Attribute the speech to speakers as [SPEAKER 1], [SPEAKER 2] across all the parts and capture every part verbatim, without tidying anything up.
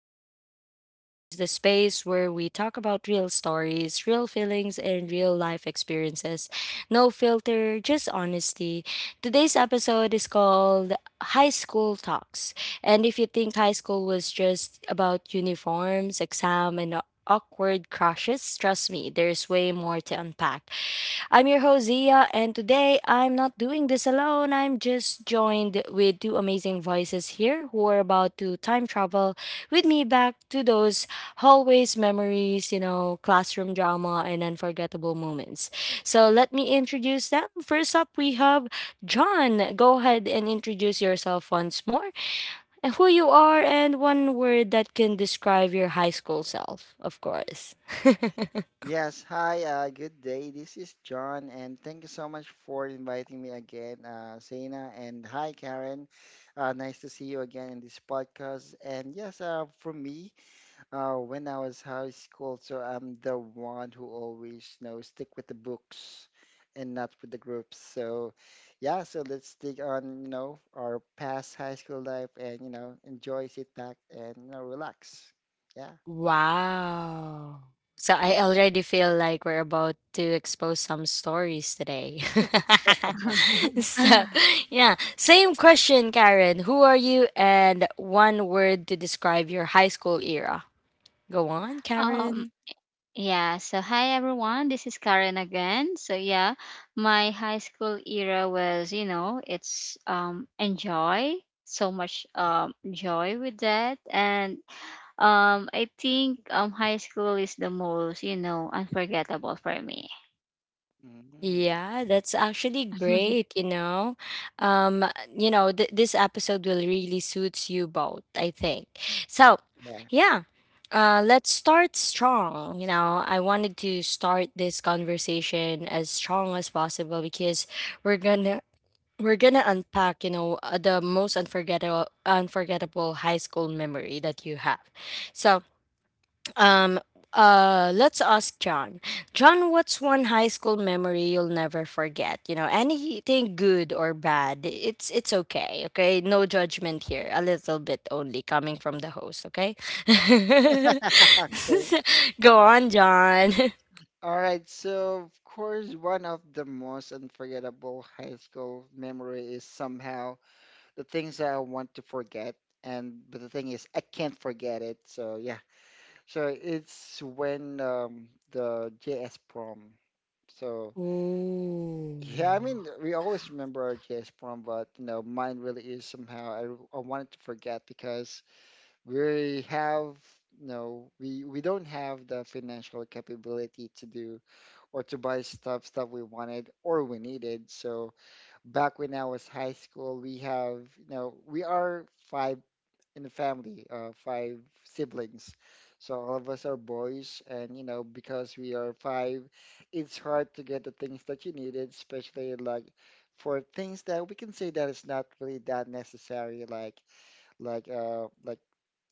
[SPEAKER 1] to Real Talk Diaries, the space where we talk about real stories, real feelings, and real life experiences. No filter, just honesty. Today's episode is called High School Talks. And if you think high school was just about uniforms, exam, and awkward crushes, trust me, there's way more to unpack. I'm your host, Zia, and today I'm not doing this alone. I'm just joined with two amazing voices here who are about to time travel with me back to those hallways memories, you know, classroom drama, and unforgettable moments. So let me introduce them. First up, we have John. Go ahead and introduce yourself once more, and who you are, and one word that can describe your high school self, of course.
[SPEAKER 2] Yes, hi, uh, good day. This is John, and thank you so much for inviting me again, uh, Zaina. And hi, Karen. Uh, nice to see you again in this podcast. And yes, uh, for me, uh, when I was high school, so I'm the one who always, you know, stick with the books and not with the groups. So, yeah, so let's dig on, you know, our past high school life and, you know, enjoy, sit back, and, you know, relax. Yeah.
[SPEAKER 1] Wow. So I already feel like we're about to expose some stories today. So, yeah, same question, Karen. Who are you and one word to describe your high school era? Go on,
[SPEAKER 3] um
[SPEAKER 1] Karen.
[SPEAKER 3] yeah, so hi everyone, this is Karen again. So yeah, my high school era was, you know, it's um enjoy so much, um joy with that. And um i think um high school is the most, you know, unforgettable for me.
[SPEAKER 2] Mm.
[SPEAKER 1] Yeah, that's actually great, you know. Um, you know, th this episode will really suits you both, I think. So,
[SPEAKER 2] Yeah.
[SPEAKER 1] yeah. Uh, let's start strong. You know, I wanted to start this conversation as strong as possible because we're gonna we're gonna unpack, you know, uh, the most unforgettable unforgettable high school memory that you have. So, um, uh, let's ask John. John, what's one high school memory you'll never forget? You know, anything good or bad, it's it's okay. Okay, no judgment here. A little bit only coming from the host. Okay,
[SPEAKER 2] Okay.
[SPEAKER 1] go on, John.
[SPEAKER 2] All right, so of course, one of the most unforgettable high school memory is somehow the things that I want to forget, and but the thing is, I can't forget it. So yeah, so it's when um, the J S prom. So yeah, I
[SPEAKER 1] Ooh.
[SPEAKER 2] mean, we always remember our J S prom, but you know, mine really is somehow I I wanted to forget because we have. No, we we don't have the financial capability to do or to buy stuff stuff we wanted or we needed. So back when I was high school, we have, you know, we are five in the family, uh, five siblings. So all of us are boys, and you know because we are five, it's hard to get the things that you needed, especially like for things that we can say that it's not really that necessary, like like uh like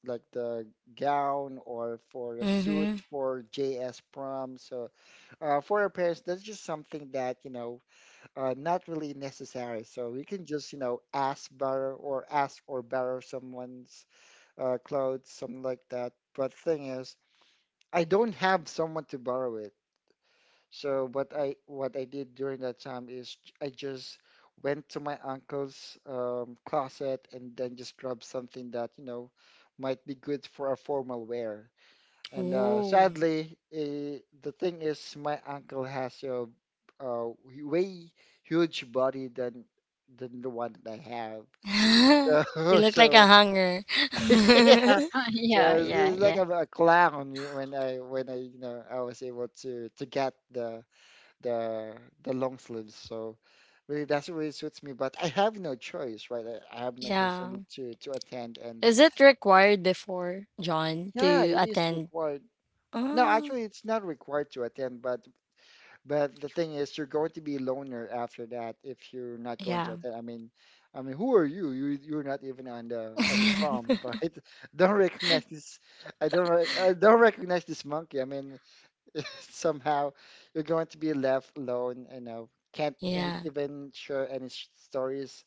[SPEAKER 2] like the gown or for a suit
[SPEAKER 1] Mhm.
[SPEAKER 2] for J S prom. So uh, for our parents, that's just something that, you know, uh, not really necessary. So we can just, you know, ask borrow or ask or borrow someone's uh, clothes, something like that. But thing is, I don't have someone to borrow it. So what I what I did during that time is j- I just went to my uncle's um, closet and then just grabbed something that, you know, might be good for a formal wear. And uh,
[SPEAKER 1] Ooh.
[SPEAKER 2] sadly, eh, the thing is, my uncle has a, uh way huge body than than the one that I
[SPEAKER 1] You
[SPEAKER 2] have.
[SPEAKER 1] look like a
[SPEAKER 2] So,
[SPEAKER 1] hunger.
[SPEAKER 2] so yeah.
[SPEAKER 3] yeah
[SPEAKER 2] So it's
[SPEAKER 3] yeah
[SPEAKER 2] it's like
[SPEAKER 3] yeah
[SPEAKER 2] I'm a clown, you know, when I when I you know I was able to to get the the the long sleeves. So really, that's what really suits me. But I have no choice, right? I, I have no choice. I need
[SPEAKER 1] Yeah.
[SPEAKER 2] to to attend, and
[SPEAKER 1] Is it required before John
[SPEAKER 2] yeah,
[SPEAKER 1] to
[SPEAKER 2] it is
[SPEAKER 1] attend?
[SPEAKER 2] required. No,
[SPEAKER 1] Mm,
[SPEAKER 2] actually, it's not required to attend, but But the thing is, you're going to be a loner after that if you're not going to
[SPEAKER 1] yeah.
[SPEAKER 2] attend. I mean, I mean, who are you? You you're not even on the on the prom, right? Don't recognize this. I don't re- I don't recognize this monkey. I mean, somehow you're going to be left alone. You know, can't a-
[SPEAKER 1] Yeah.
[SPEAKER 2] even share any s- stories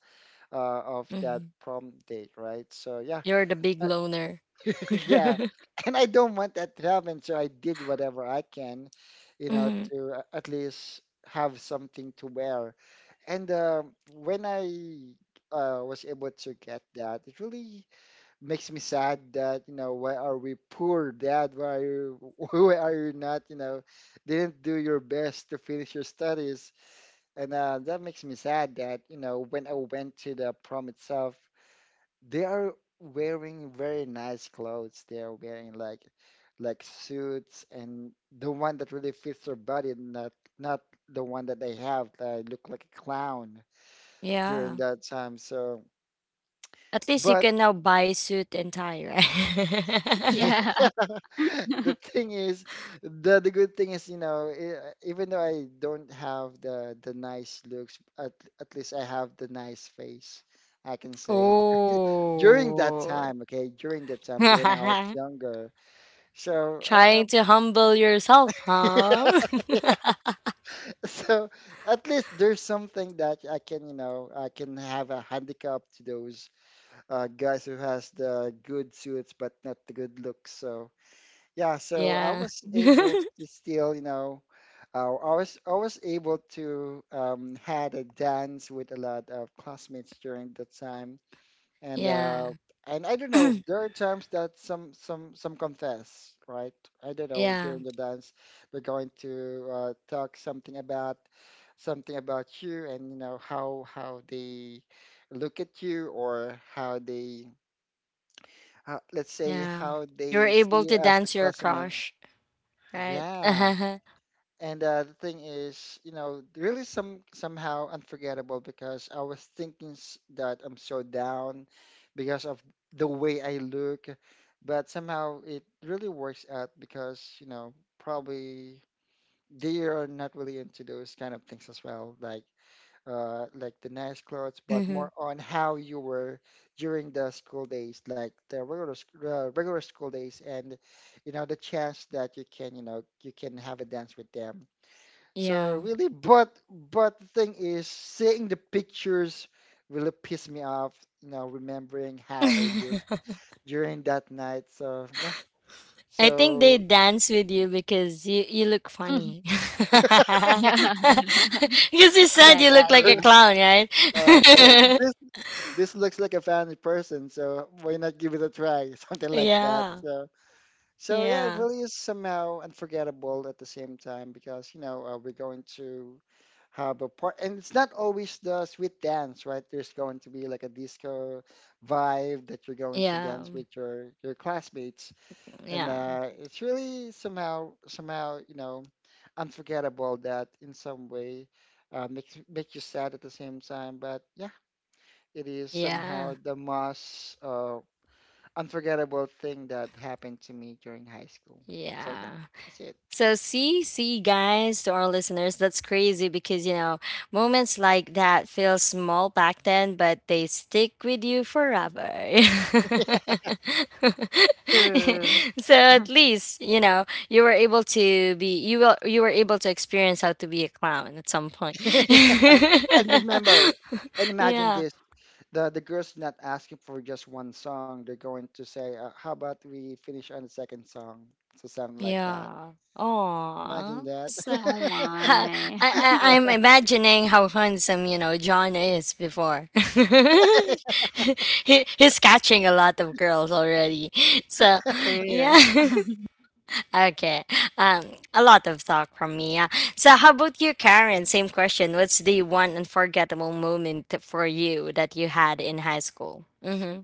[SPEAKER 2] uh, of that
[SPEAKER 1] Hmm.
[SPEAKER 2] prom date, right? So yeah,
[SPEAKER 1] You're the big
[SPEAKER 2] I,
[SPEAKER 1] loner.
[SPEAKER 2] yeah, and I don't want that to happen, so I did whatever I can, you know,
[SPEAKER 1] Hmm.
[SPEAKER 2] to a- at least have something to wear. And uh, when I uh, was able to get that, it really makes me sad that, you know, why are we poor, Dad? Why are you, why are you not, you know, didn't do your best to finish your studies? And uh, that makes me sad that, you know, when I went to the prom itself, they are wearing very nice clothes. They are wearing like like suits and the one that really fits their body, not not the one that they have that look like a clown during
[SPEAKER 1] Yeah.
[SPEAKER 2] that time. So,
[SPEAKER 1] At least you
[SPEAKER 2] but
[SPEAKER 1] can now buy suit and tie, right?
[SPEAKER 3] yeah
[SPEAKER 2] the thing is, the the good thing is, you know, e- even though I don't have the the nice looks, at at least I have the nice face. I can say during that
[SPEAKER 1] Oh.
[SPEAKER 2] time, okay, during that time when I was younger. So I,
[SPEAKER 1] Trying to humble yourself, huh?
[SPEAKER 2] so at least there's something that I can, you know, I can have a handicap to those uh, guys who has the good suits but not the good looks. So yeah, so I
[SPEAKER 1] Yeah.
[SPEAKER 2] was able to still, you know, uh, I was I was able to um, had a dance with a lot of classmates during the time and
[SPEAKER 1] Yeah.
[SPEAKER 2] uh and I don't know, there are times that some some some confess, right? I don't know,
[SPEAKER 1] Yeah.
[SPEAKER 2] during the dance we're going to uh, talk something about something about you and you know how how they look at you or how they uh, let's say
[SPEAKER 1] Yeah.
[SPEAKER 2] how
[SPEAKER 1] You're
[SPEAKER 2] they see
[SPEAKER 1] able
[SPEAKER 2] you
[SPEAKER 1] to
[SPEAKER 2] as a
[SPEAKER 1] dance your
[SPEAKER 2] classmate.
[SPEAKER 1] crush, right?
[SPEAKER 2] Yeah, and uh, the thing is, you know, really some somehow unforgettable because I was thinking s- that I'm so down because of the way I look, but somehow it really works out because, you know, probably they are not really into those kind of things as well, like uh like the nice clothes, but
[SPEAKER 1] Mhm.
[SPEAKER 2] more on how you were during the school days, like the regular sc- uh, regular school days and you know the chance that you can, you know, you can have a dance with them so
[SPEAKER 1] Yeah.
[SPEAKER 2] really, but but the thing is, seeing the pictures really pissed me off. You know, remembering how I looked during that night. So yeah.
[SPEAKER 1] I think they
[SPEAKER 2] So
[SPEAKER 1] dance with you because you, you look funny.
[SPEAKER 3] Yeah,
[SPEAKER 1] Because you said
[SPEAKER 3] yeah
[SPEAKER 1] you
[SPEAKER 3] yeah
[SPEAKER 1] look like a
[SPEAKER 3] yeah
[SPEAKER 1] clown,
[SPEAKER 2] all right. So
[SPEAKER 3] yeah.
[SPEAKER 1] right?
[SPEAKER 2] this this looks like a family person. So why not give it a try? Something like that.
[SPEAKER 1] Yeah,
[SPEAKER 2] So So yeah, it
[SPEAKER 1] yeah,
[SPEAKER 2] really is somehow unforgettable at the same time because you know uh, we're going to have a part, and it's not always the sweet dance, right? There's going to be like a disco vibe that you're going to
[SPEAKER 1] yeah,
[SPEAKER 2] dance with your your classmates, and
[SPEAKER 1] yeah,
[SPEAKER 2] uh, it's really somehow somehow you know unforgettable that in some way uh, makes make you sad at the same time. But yeah, it is
[SPEAKER 1] yeah,
[SPEAKER 2] somehow the most uh, unforgettable thing that happened to me during high school. So yeah,
[SPEAKER 1] yeah.
[SPEAKER 2] that's
[SPEAKER 1] So see, see, guys, to our listeners, that's crazy because you know moments like that feel small back then, but they stick with you forever.
[SPEAKER 3] True.
[SPEAKER 1] So at least you know you were able to be you will you were able to experience how to be a clown at some point.
[SPEAKER 2] it. And remember, and imagine
[SPEAKER 1] Yeah.
[SPEAKER 2] this: the the girls not asking for just one song; they're going to say, uh, "How about we finish on the second song?" So something like that.
[SPEAKER 1] Yeah.
[SPEAKER 2] Imagine
[SPEAKER 1] Oh.
[SPEAKER 2] that.
[SPEAKER 1] So,
[SPEAKER 3] Oh my.
[SPEAKER 1] I, I, I'm
[SPEAKER 2] Yeah.
[SPEAKER 1] imagining how handsome, you know, John is before. he, he's catching a lot of girls already. So,
[SPEAKER 3] True.
[SPEAKER 1] yeah. Okay. Um, a lot of talk from me. Yeah. So, how about you, Karen? Same question. What's the one unforgettable moment for you that you had in high school? Mm-hmm.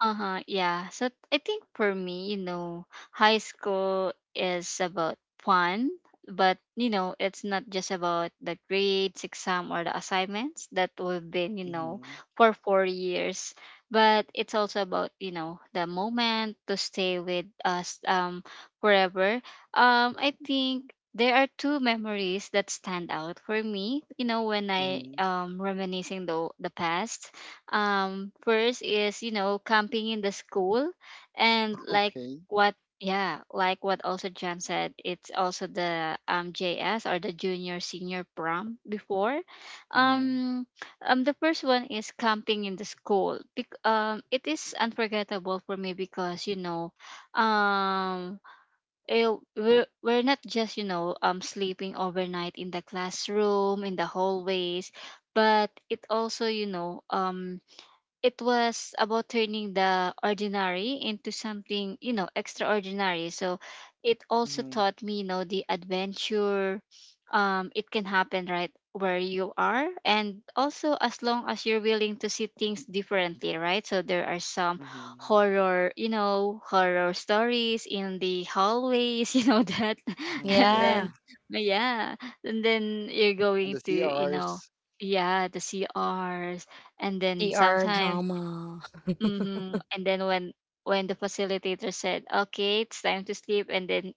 [SPEAKER 3] Uh-huh. Yeah. So I think for me, you know, high school is about fun, but you know, it's not just about the grades, exam, or the assignments that we've been, you know,
[SPEAKER 2] Hmm.
[SPEAKER 3] for four years. But it's also about, you know, the moment to stay with us um forever. Um, I think there are two memories that stand out for me, you know, when I
[SPEAKER 2] Hmm.
[SPEAKER 3] um reminiscing the the past. Um first is, you know, camping in the school. And like,
[SPEAKER 2] Okay.
[SPEAKER 3] what, yeah, like what also Jan said, it's also the um J S or the junior senior prom before.
[SPEAKER 2] Hmm.
[SPEAKER 3] um um the first one is camping in the school. Bec- um it is unforgettable for me because, you know, um eh, we're, we're not just, you know, um sleeping overnight in the classroom, in the hallways, but it also, you know, um it was about turning the ordinary into something, you know, extraordinary. So it also
[SPEAKER 2] Hmm.
[SPEAKER 3] taught me, you know, the adventure um it can happen right where you are, and also as long as you're willing to see things differently, right? So there are some
[SPEAKER 2] Hmm.
[SPEAKER 3] horror you know horror stories in the hallways. You know, that.
[SPEAKER 2] Hmm.
[SPEAKER 3] And
[SPEAKER 2] Yeah.
[SPEAKER 3] then,
[SPEAKER 1] Yeah.
[SPEAKER 3] yeah. And then you're
[SPEAKER 2] And
[SPEAKER 3] going
[SPEAKER 2] the
[SPEAKER 3] to, you know,
[SPEAKER 2] C Rs.
[SPEAKER 3] yeah, the CRs. And then
[SPEAKER 1] T R
[SPEAKER 3] sometimes.
[SPEAKER 1] drama.
[SPEAKER 3] Mhm. And then when when the facilitator said, "Okay, it's time to sleep," and then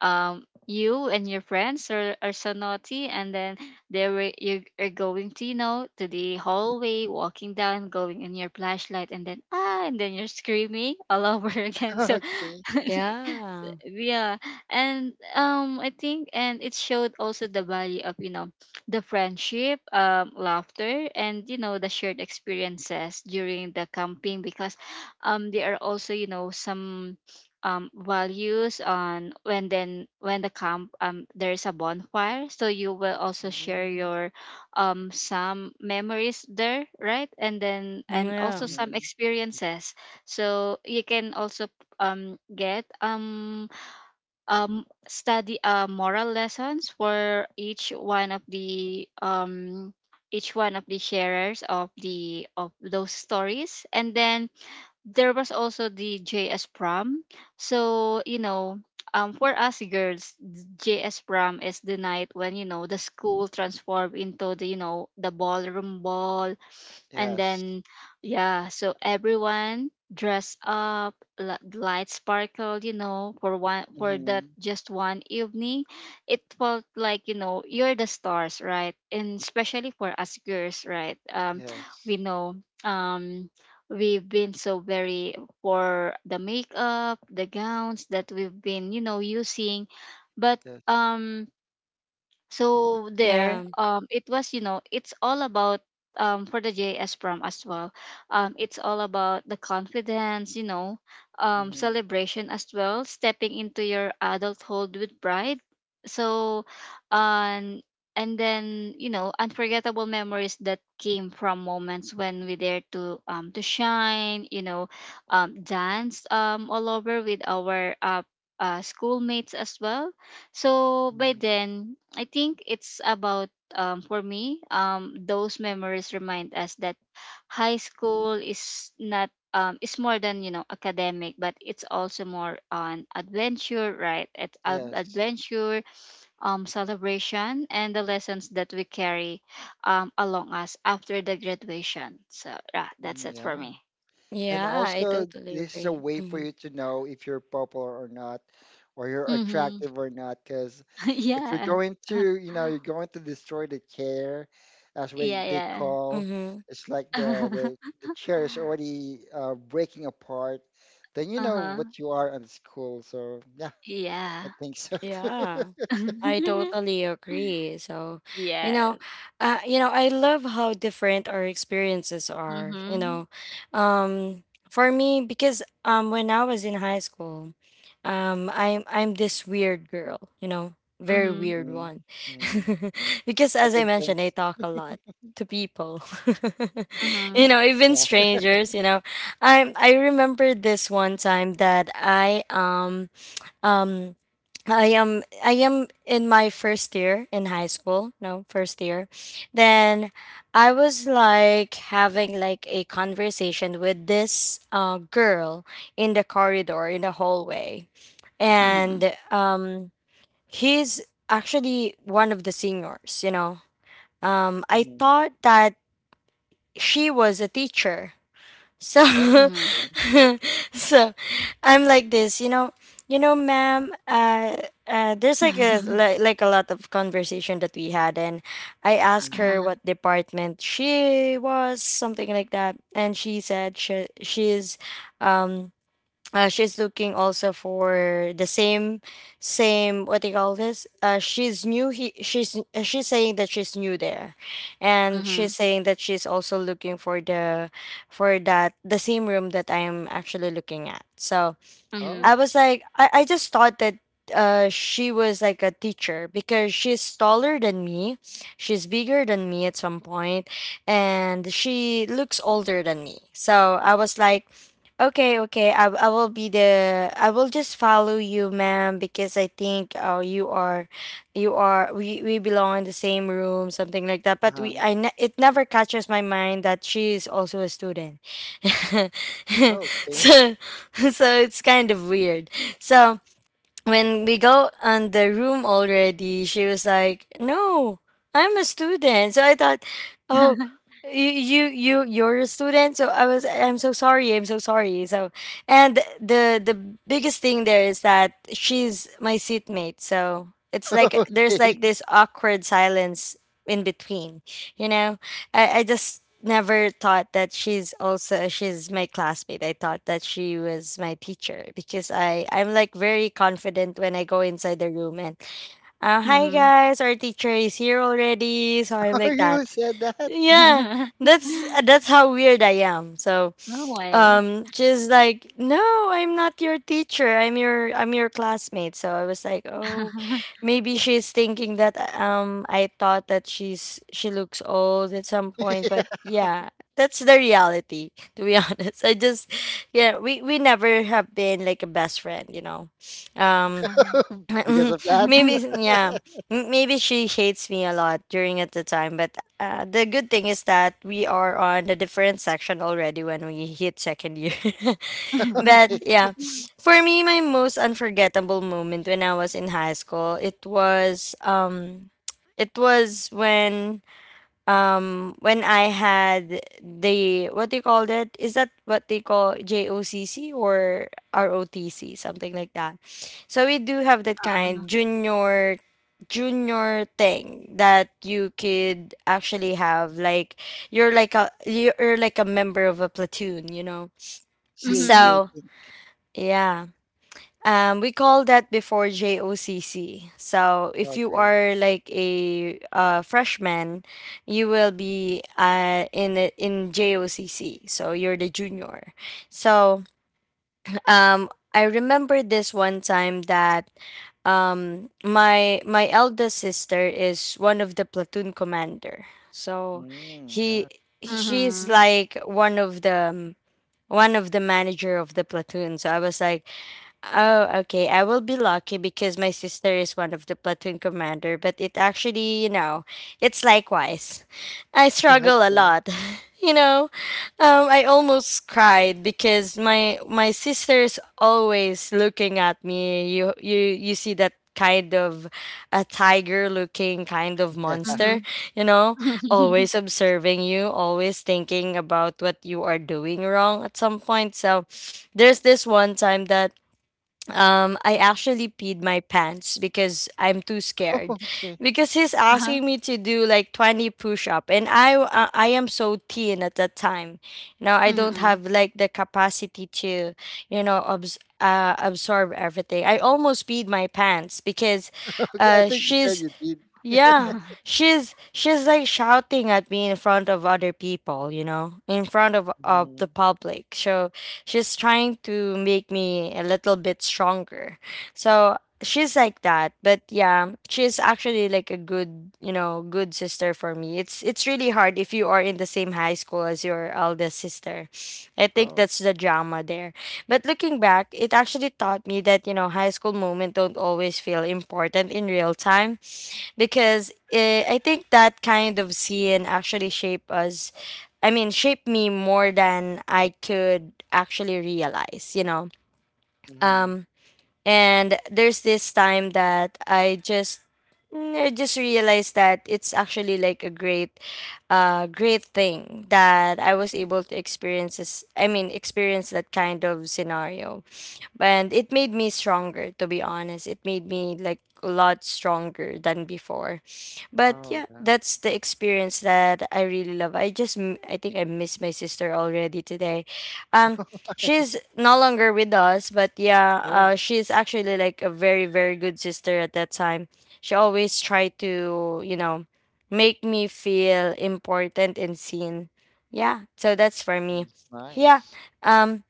[SPEAKER 3] um you and your friends are, are so naughty. And then they were, you are going to, you know, to the hallway, walking down, going in your flashlight, and then ah, and then you're screaming all over. Again. So
[SPEAKER 2] Okay.
[SPEAKER 1] Yeah.
[SPEAKER 3] yeah. And um i think, and it showed also the value of, you know, the friendship, um laughter, and, you know, the shared experiences during the camping. Because um there are also, you know, some um values on when, then when the camp, um there is a bonfire, so you will also share
[SPEAKER 2] Hmm.
[SPEAKER 3] your um some memories there, right? And then and also
[SPEAKER 1] Yeah.
[SPEAKER 3] some
[SPEAKER 2] Hmm.
[SPEAKER 3] experiences, so you can also um get um um, study uh, moral lessons for each one of the um, each one of the sharers of the of those stories. And then there was also the J S prom. So you know, um, for us girls, J S prom is the night when, you know, the school transformed into the, you know, the ballroom ball. And
[SPEAKER 2] Yes.
[SPEAKER 3] then, yeah, so everyone dressed up, li- lights sparkled, you know, for one, for that
[SPEAKER 2] Hmm.
[SPEAKER 3] just one evening. It felt like, you know, you're the stars, right? And especially for us girls, right? Um
[SPEAKER 2] Yes.
[SPEAKER 3] we know, um we've been so very, for the makeup, the gowns that we've been, you know, using. But
[SPEAKER 2] Yes.
[SPEAKER 3] um so there,
[SPEAKER 1] Yeah.
[SPEAKER 3] um it was, you know, it's all about, um for the J S prom as well, um it's all about the confidence, you know, um
[SPEAKER 2] Mm-hmm.
[SPEAKER 3] celebration as well, stepping into your adulthood with pride. So um and then, you know, unforgettable memories that came from moments when we dare to um to shine, you know, um dance um all over with our uh, uh schoolmates as well. So by
[SPEAKER 2] Mm-hmm.
[SPEAKER 3] then, I think it's about um, for me, um, those memories remind us that high school is not um, is more than, you know, academic, but it's also more on adventure, right? It's a-
[SPEAKER 2] Yes.
[SPEAKER 3] adventure, um, celebration, and the lessons that we carry um, along us after the graduation. So yeah,
[SPEAKER 2] Mm.
[SPEAKER 3] that's it for
[SPEAKER 2] Yeah.
[SPEAKER 3] me.
[SPEAKER 2] And
[SPEAKER 1] Yeah, I
[SPEAKER 2] also,
[SPEAKER 1] totally
[SPEAKER 2] this is a
[SPEAKER 1] agree.
[SPEAKER 2] way for
[SPEAKER 1] Mm-hmm.
[SPEAKER 2] you to know if you're popular or not, or you're
[SPEAKER 3] Mm-hmm.
[SPEAKER 2] attractive or not. Because if you're
[SPEAKER 3] Yeah.
[SPEAKER 2] going to, you know, you're going to destroy the chair, that's what
[SPEAKER 3] Yeah,
[SPEAKER 2] they
[SPEAKER 3] yeah.
[SPEAKER 2] call.
[SPEAKER 1] Mm-hmm.
[SPEAKER 2] It's like the the the chair is already uh, breaking apart. Then you
[SPEAKER 3] uh
[SPEAKER 2] know
[SPEAKER 3] huh.
[SPEAKER 2] what you are in school. So yeah,
[SPEAKER 3] Yeah.
[SPEAKER 2] I think so too.
[SPEAKER 1] Yeah. I totally agree. So, you
[SPEAKER 3] Yes.
[SPEAKER 1] know, uh, you know, I love how different our experiences are, you
[SPEAKER 3] Mhm.
[SPEAKER 1] know. Um for me because um when I was in high school, um I'm I'm this weird girl, you know, very
[SPEAKER 3] Mhm.
[SPEAKER 1] weird
[SPEAKER 2] Hmm.
[SPEAKER 1] one.
[SPEAKER 2] Hmm.
[SPEAKER 1] Because
[SPEAKER 2] I
[SPEAKER 1] as I
[SPEAKER 2] can
[SPEAKER 1] mentioned, I
[SPEAKER 2] sense.
[SPEAKER 1] talk a lot to people. You
[SPEAKER 3] Mhm.
[SPEAKER 1] know, even
[SPEAKER 2] Yeah.
[SPEAKER 1] strangers, you know. I I remember this one time that I um um, I am I am in my first year in high school, no, first year. Then I was like having like a conversation with this uh girl in the corridor in the hallway.
[SPEAKER 2] Hmm.
[SPEAKER 3] Mhm.
[SPEAKER 1] And um he's actually one of the seniors, you know. Um I
[SPEAKER 2] Hmm.
[SPEAKER 1] thought that she was a teacher,
[SPEAKER 2] Oh.
[SPEAKER 1] so
[SPEAKER 3] Mhm.
[SPEAKER 2] Okay.
[SPEAKER 1] so I'm like this, you know, you know, ma'am. Uh, uh, there's like a like, like a lot of conversation that we had, and I asked
[SPEAKER 2] Mm-hmm.
[SPEAKER 1] her
[SPEAKER 3] Uh-huh.
[SPEAKER 1] what department she was, something like that, and she said she she's, um, uh, she's looking also for the same same what do you call this? uh, she's new he, she's uh, she's saying that she's new there and she's
[SPEAKER 3] Mhm.
[SPEAKER 1] saying that she's also looking for the for that the same room that I'm actually looking at. So
[SPEAKER 3] Mhm.
[SPEAKER 1] I
[SPEAKER 2] Oh,
[SPEAKER 1] was like, I, I just thought that uh she was like a teacher because she's taller than me. She's bigger than me at some point, and she looks older than me. So I was like, okay, okay, I, I will be the I will just follow you, ma'am, because I think uh, you are you are we, we belong in the same room, something like that. But
[SPEAKER 2] uh-huh.
[SPEAKER 1] we I ne- it never catches my mind that she is also a student.
[SPEAKER 2] Okay.
[SPEAKER 1] So so it's kind of weird. So when we go on the room already, she was like, "No, I'm a student." So I thought, "Oh, you you you you're a student." So I was, "I'm so sorry. I'm so sorry." So and the the biggest thing there is that she's my seatmate. So it's like there's
[SPEAKER 2] Okay.
[SPEAKER 1] like this awkward silence in between, you know I, I just never thought that she's also she's my classmate. I thought that she was my teacher because I I'm like very confident when I go inside the room and uh, hi
[SPEAKER 3] Mhm.
[SPEAKER 1] guys, our teacher is here already. So I'm
[SPEAKER 2] Oh,
[SPEAKER 1] like
[SPEAKER 2] you
[SPEAKER 1] that.
[SPEAKER 2] really said that
[SPEAKER 1] Yeah, that's that's how weird I am. So
[SPEAKER 3] No way.
[SPEAKER 1] um just like, no, I'm not your teacher, i'm your I'm your classmate. So I was like, oh, maybe she's thinking that um I thought that she's she looks old at some point, but yeah, that's the reality, to be honest. I just Yeah, we we never have been like a best friend, you know um
[SPEAKER 3] Uh-huh.
[SPEAKER 2] because of that?
[SPEAKER 1] maybe s- yeah, M- maybe she hates me a lot during at the time, but uh, the good thing is that we are on a different section already when we hit second year. But
[SPEAKER 2] Okay.
[SPEAKER 1] yeah, for me, my most unforgettable moment when I was in high school, it was um it was when um when I had the, what do you call that? Is that what they call J O C C or R O T C, something like that? So we do have that
[SPEAKER 3] Uh-uh.
[SPEAKER 1] kind junior junior thing that you could actually have, like you're like a you're like a member of a platoon, you know.
[SPEAKER 2] C A T
[SPEAKER 3] Mhm.
[SPEAKER 2] I
[SPEAKER 1] So,
[SPEAKER 2] think.
[SPEAKER 1] yeah. Um, we call that before J O C C. So if you
[SPEAKER 2] Okay.
[SPEAKER 1] are like a uh, freshman, you will be uh, in the- in J O C C. So you're the junior. So um, I remember this one time that um, my my eldest sister is one of the platoon commander. So
[SPEAKER 2] Mm,
[SPEAKER 1] he
[SPEAKER 2] yeah.
[SPEAKER 1] she's
[SPEAKER 3] Mhm.
[SPEAKER 1] like one of the um, one of the manager of the platoon. So I was like, oh, okay, I will be lucky because my sister is one of the platoon commander, but it actually, you know, it's likewise. I struggle a
[SPEAKER 2] Okay.
[SPEAKER 1] lot. You know, um, I almost cried because my my sister's always looking at me. You you you see that kind of a tiger looking kind of
[SPEAKER 2] Yeah.
[SPEAKER 1] monster,
[SPEAKER 3] Mhm.
[SPEAKER 1] you know, always observing you, always thinking about what you are doing wrong at some point. So there's this one time that um, I actually peed my pants because I'm too scared.
[SPEAKER 2] Okay.
[SPEAKER 1] Because he's
[SPEAKER 3] Uh-huh.
[SPEAKER 1] asking me to do like twenty push up, and I uh, I am so thin at that time. You know, I don't
[SPEAKER 3] Mhm.
[SPEAKER 1] have like the capacity to, you know, abs- uh, absorb everything. I almost peed my pants because,
[SPEAKER 2] Okay. I
[SPEAKER 1] uh,
[SPEAKER 2] think you said
[SPEAKER 1] she's
[SPEAKER 2] you did.
[SPEAKER 1] yeah, she's she's like shouting at me in front of other people, you know, in front of of the
[SPEAKER 2] Mhm.
[SPEAKER 1] public. So she's trying to make me a little bit stronger. So she's like that, but yeah, she's actually like a good, you know, good sister for me. It's it's really hard if you are in the same high school as your eldest sister. I think
[SPEAKER 2] Oh.
[SPEAKER 1] that's the drama there. But looking back, it actually taught me that, you know, high school moment don't always feel important in real time because eh, I think that kind of scene actually shaped us. I mean, shaped me more than I could actually realize, you know.
[SPEAKER 2] Hmm.
[SPEAKER 1] Um, and there's this time that I just mm, I just realized that it's actually like a great uh great thing that I was able to experience this I mean experience that kind of scenario, and it made me stronger, to be honest. It made me like a lot stronger than before. But
[SPEAKER 2] Oh,
[SPEAKER 1] yeah,
[SPEAKER 2] yeah.
[SPEAKER 1] that's the experience that I really love. i just m- I think I miss my sister already today. um she's no longer with us, but yeah,
[SPEAKER 2] Oh,
[SPEAKER 1] uh she's actually like a very very good sister at that time. She always tried to, you know, make me feel important and seen. Yeah, so that's for me.
[SPEAKER 2] that's
[SPEAKER 1] Yeah.
[SPEAKER 2] nice.
[SPEAKER 1] um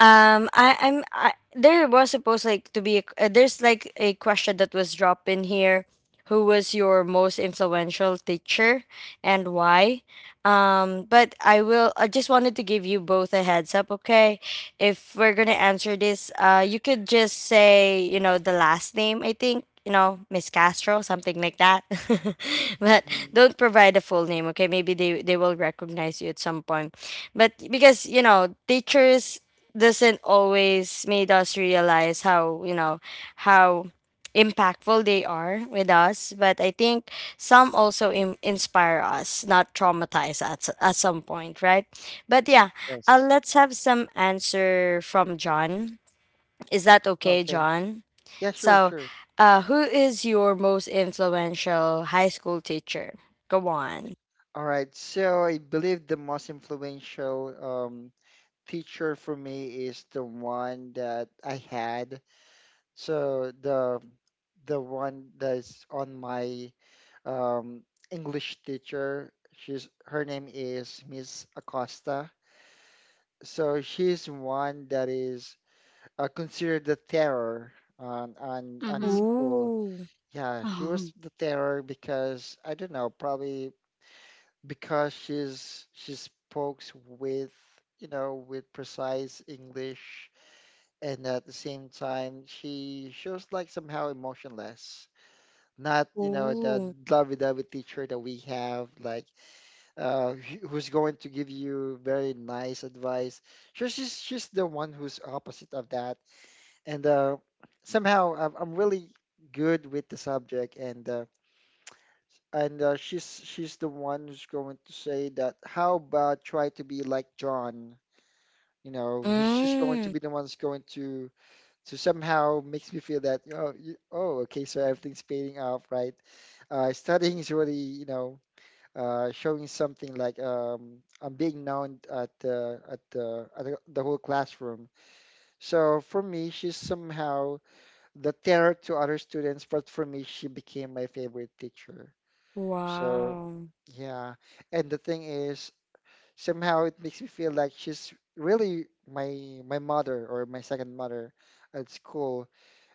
[SPEAKER 1] um, I, I'm I, there was supposed like to be a, uh, there's like a question that was dropped in here. Who was your most influential teacher and why? Um, but I will. I just wanted to give you both a heads up, okay? If we're gonna answer this, uh, you could just say you know the last name. I think you know Miss Castro, something like that. But
[SPEAKER 2] Mm.
[SPEAKER 1] don't provide a full name, okay? Maybe they they will recognize you at some point. But because you know teachers doesn't always made us realize how you know how impactful they are with us, but I think some also Im- inspire us, not traumatize us at some point, right? But yeah, uh,
[SPEAKER 2] Yes.
[SPEAKER 1] let's have some answer from John. Is that okay,
[SPEAKER 2] Okay.
[SPEAKER 1] John?
[SPEAKER 2] Yeah, sure,
[SPEAKER 1] So,
[SPEAKER 2] sure.
[SPEAKER 1] uh, who is your most influential high school teacher? Go on.
[SPEAKER 2] All right. So I believe the most influential um, teacher for me is the one that I had. So the the one that's on my um, English teacher, she's her name is Miss Acosta. So she's one that is uh, considered the terror on on on the
[SPEAKER 3] Mhm.
[SPEAKER 2] school.
[SPEAKER 1] Ooh.
[SPEAKER 2] Yeah, she was
[SPEAKER 3] Oh.
[SPEAKER 2] the terror because I don't know, probably because she's she speaks with you know with precise English, and at the same time she shows like somehow emotionless not you know the
[SPEAKER 1] Ooh.
[SPEAKER 2] lovey-dovey teacher that we have like uh who- who's going to give you very nice advice. She's just she's the one who's opposite of that. And uh somehow i'm, I'm really good with the subject, and uh and uh, she's she's the one who's going to say that how about try to be like John, you know, he's just going to
[SPEAKER 1] Mm.
[SPEAKER 2] be the one who's going to to somehow makes me feel that oh you, oh okay, so everything's fading off, right? Uh, studying is really, you know, uh, showing something like um, I'm being known at the at the at the the whole classroom. So for me, she's somehow the terror to other students, but for me, she became my favorite teacher. So
[SPEAKER 1] Wow.
[SPEAKER 2] yeah, and the thing is, somehow it makes me feel like she's really my my mother or my second mother at school,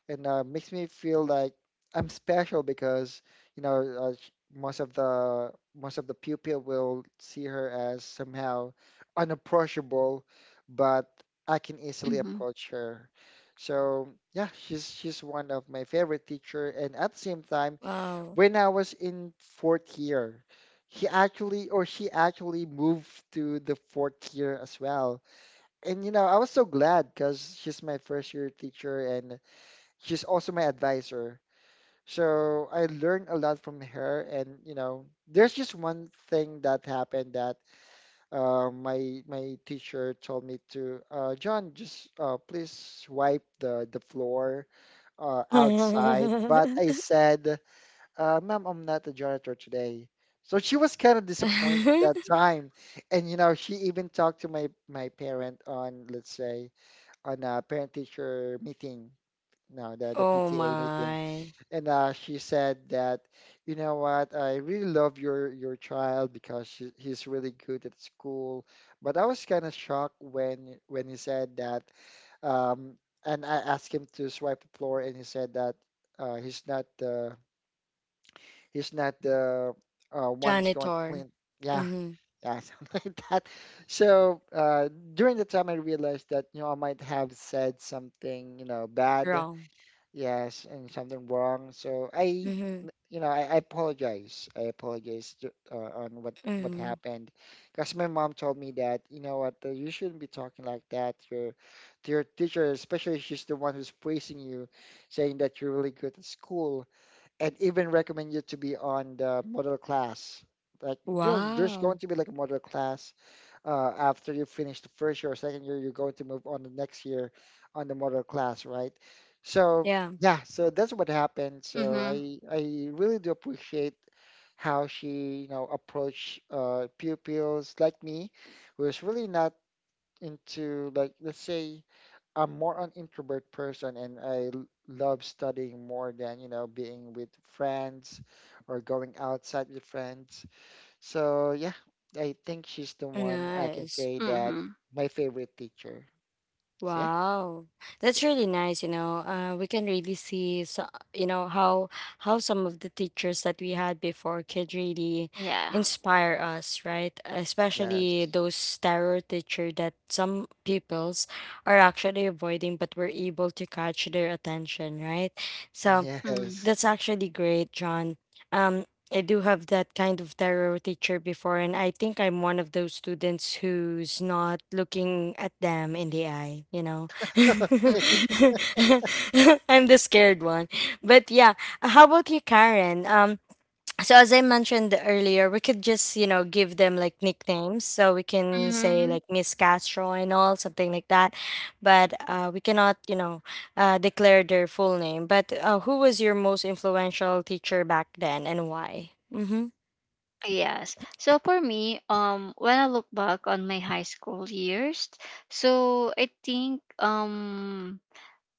[SPEAKER 2] and uh, makes me feel like I'm special because you know uh, sh- most of the most of the pupil will see her as somehow unapproachable, but I can easily
[SPEAKER 3] Mhm.
[SPEAKER 2] approach her. So yeah, she's she's one of my favorite teacher, and at the same time,
[SPEAKER 1] Wow.
[SPEAKER 2] when I was in fourth year, he actually or she actually moved to the fourth year as well. And you know, I was so glad because she's my first year teacher, and she's also my advisor. So I learned a lot from her, and you know, there's just one thing that happened that uh, my my teacher told me to, uh, John, just uh, please wipe the the floor uh, outside. But I said, uh, ma'am, I'm not a janitor today. So she was kind of disappointed that time, and you know, she even talked to my my parent on, let's say, on a parent teacher meeting, no, the the
[SPEAKER 1] Oh
[SPEAKER 2] P T A meeting
[SPEAKER 1] my.
[SPEAKER 2] and uh, she said that, you know what, I really love your your child because she, he's really good at school. But I was kind of shocked when when he said that, um, and I asked him to swipe the floor, and he said that uh, he's not the he's not the uh, one's going to
[SPEAKER 1] Janitor.
[SPEAKER 2] clean. Yeah,
[SPEAKER 1] Mm-hmm.
[SPEAKER 2] yeah, something like that. So uh, during the time, I realized that you know I might have said something you know bad.
[SPEAKER 1] Wrong.
[SPEAKER 2] Yes, and something wrong. So I,
[SPEAKER 1] Mm-hmm.
[SPEAKER 2] you know, I, I apologize. I apologize ju- uh, on what what
[SPEAKER 1] Mm-hmm.
[SPEAKER 2] happened, because my mom told me that you know what, uh, you shouldn't be talking like that to your to your teacher, especially if she's the one who's praising you, saying that you're really good at school, and even recommend you to be on the model class. Like, you know, there's going
[SPEAKER 1] Wow.
[SPEAKER 2] to be like a model class uh, after you finish the first year or second year, you're going to move on the next year on the model class, right? So
[SPEAKER 1] Yeah.
[SPEAKER 2] yeah, so that's what happened. So
[SPEAKER 3] Mhm.
[SPEAKER 2] I I really do appreciate how she you know approached uh, pupils like me, who is really not into, like, let's say, I'm more an introvert person and I l- love studying more than you know being with friends or going outside with friends. So yeah, I think she's the one I can
[SPEAKER 1] Nice.
[SPEAKER 2] say that
[SPEAKER 3] Mhm.
[SPEAKER 2] my favorite teacher. So yeah,
[SPEAKER 1] Wow,
[SPEAKER 2] that's
[SPEAKER 1] that's
[SPEAKER 2] it.
[SPEAKER 1] really nice. You know, uh, we can really see, so, you know, how how some of the teachers that we had before could really
[SPEAKER 3] Yeah.
[SPEAKER 1] inspire us, right? Especially
[SPEAKER 2] Yes.
[SPEAKER 1] those terror teacher that some pupils are actually avoiding, but we're able to catch their attention, right? So
[SPEAKER 3] Mm.
[SPEAKER 2] Yes.
[SPEAKER 1] that's actually great, John. Um, I do have that kind of terror teacher before, and I think I'm one of those students who's not looking at them in the eye, you know?
[SPEAKER 2] Okay.
[SPEAKER 3] Mhm.
[SPEAKER 1] I'm the scared one. But yeah, how about you, Karen? Um, so as I mentioned earlier, we could just, you know, give them like nicknames. So we can say
[SPEAKER 3] Mhm.
[SPEAKER 1] like Miss Castro and all, something like that. But uh, we cannot, you know, uh, declare their full name. But uh, who was your most influential teacher back then and why? Mm-hmm.
[SPEAKER 3] Yes. So for me, um, when I look back on my high school years, so I think um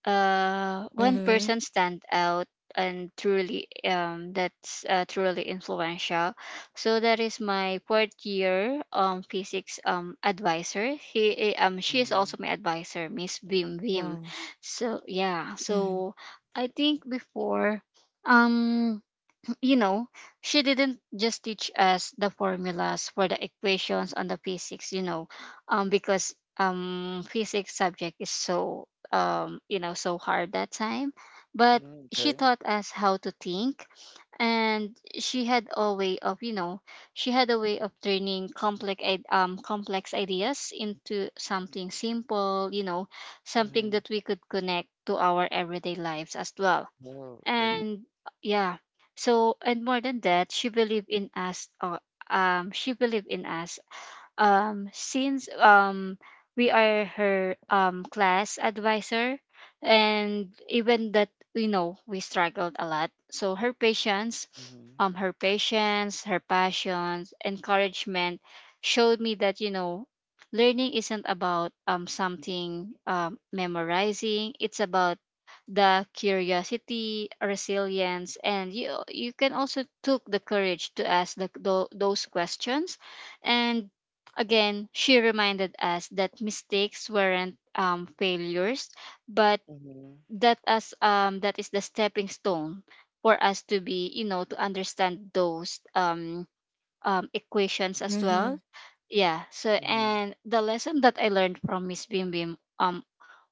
[SPEAKER 3] uh one person
[SPEAKER 1] Mm-hmm.
[SPEAKER 3] stand out and truly um that's uh, truly influential. So that is my fourth year um physics um advisor. He eh, um she is also
[SPEAKER 2] Mhm.
[SPEAKER 3] my advisor, Miss Bim Bim.
[SPEAKER 1] Wow.
[SPEAKER 3] So yeah.
[SPEAKER 1] Mm-hmm.
[SPEAKER 3] So I think before, um you know, she didn't just teach us the formulas for the equations on the physics, you know, um, because um, physics subject is so um, you know, so hard that time, but
[SPEAKER 2] Mm,
[SPEAKER 3] she
[SPEAKER 2] okay.
[SPEAKER 3] taught us how to think. And she had a way of, you know, she had a way of turning complex id- um complex ideas into something simple, you know, something
[SPEAKER 2] Hmm.
[SPEAKER 3] that we could connect to our everyday lives as well.
[SPEAKER 2] Oh, okay.
[SPEAKER 3] And uh, yeah. So and more than that, she believed in us, uh, um she believed in us, um, since um, we are her um, class advisor. And even that, you know, we struggled a lot. So her patience,
[SPEAKER 2] Mm-hmm.
[SPEAKER 3] um her patience, her passions, encouragement, showed me that, you know, learning isn't about um something um, memorizing. It's about the curiosity, resilience, and you you can also took the courage to ask the, tho- those questions. And again, she reminded us that mistakes weren't um, failures, but
[SPEAKER 2] Mm-hmm.
[SPEAKER 3] that us um, that is the stepping stone for us to be, you know, to understand those um, um, equations as well.
[SPEAKER 1] Mm-hmm.
[SPEAKER 3] Yeah. So
[SPEAKER 2] Mm-hmm.
[SPEAKER 3] and the lesson that I learned from Miss Bim Bim um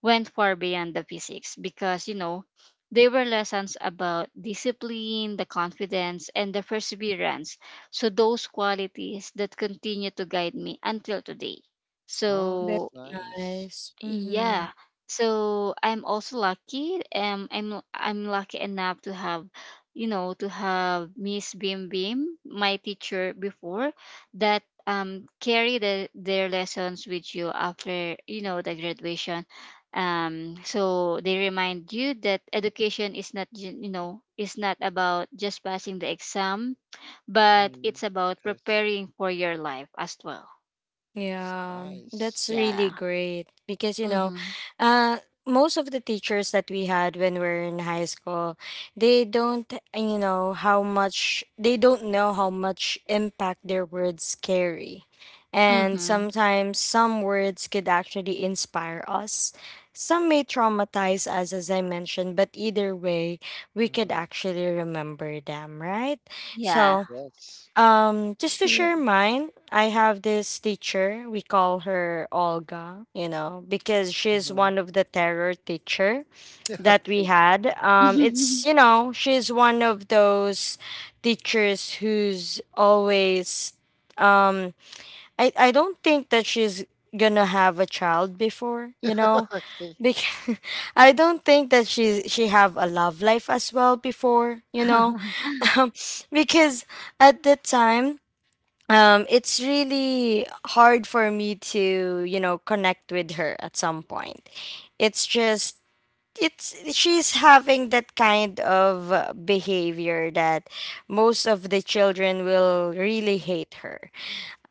[SPEAKER 3] went far beyond the physics, because, you know, they were lessons about discipline, the confidence, and the perseverance. So those qualities that continue to guide me until today.
[SPEAKER 2] Oh,
[SPEAKER 1] That's
[SPEAKER 3] So
[SPEAKER 2] it's nice.
[SPEAKER 1] nice. Mm-hmm.
[SPEAKER 3] yeah. So I'm also lucky. Um, I'm I'm lucky enough to have, you know, to have Miss Bim Bim, my teacher before, that um carry the their lessons with you after, you know, the graduation. Um, so they remind you that education is not ju- you know, is not about just passing the exam, but
[SPEAKER 2] Mm-hmm.
[SPEAKER 3] it's about
[SPEAKER 2] Yes.
[SPEAKER 3] preparing for your life as well.
[SPEAKER 2] It's
[SPEAKER 1] Yeah, that's
[SPEAKER 2] nice.
[SPEAKER 1] really
[SPEAKER 3] Yeah.
[SPEAKER 1] great because, you know,
[SPEAKER 3] Mhm.
[SPEAKER 1] uh, most of the teachers that we had when we were in high school, they don't, you know, how much they don't know how much impact their words carry, and
[SPEAKER 3] Mhm.
[SPEAKER 1] sometimes some words could actually inspire us. Some may traumatize us, as I mentioned, but either way, we could
[SPEAKER 2] Mm-hmm.
[SPEAKER 1] actually remember them, right?
[SPEAKER 3] Yeah.
[SPEAKER 1] So.
[SPEAKER 2] Yes.
[SPEAKER 1] Um, just to
[SPEAKER 3] True.
[SPEAKER 1] share mine, I have this teacher. We call her Olga, you know, because she's
[SPEAKER 2] Mm-hmm.
[SPEAKER 1] one of the terror teacher that we
[SPEAKER 2] Okay.
[SPEAKER 1] had. Um, it's you know, she's one of those teachers who's always— um I, I don't think that she's gonna have a child before, you know,
[SPEAKER 2] Okay.
[SPEAKER 1] because I don't think that she she have a love life as well before, you know. Um, because at the time, um it's really hard for me to you know connect with her at some point. It's just, it's she's having that kind of uh, behavior that most of the children will really hate her,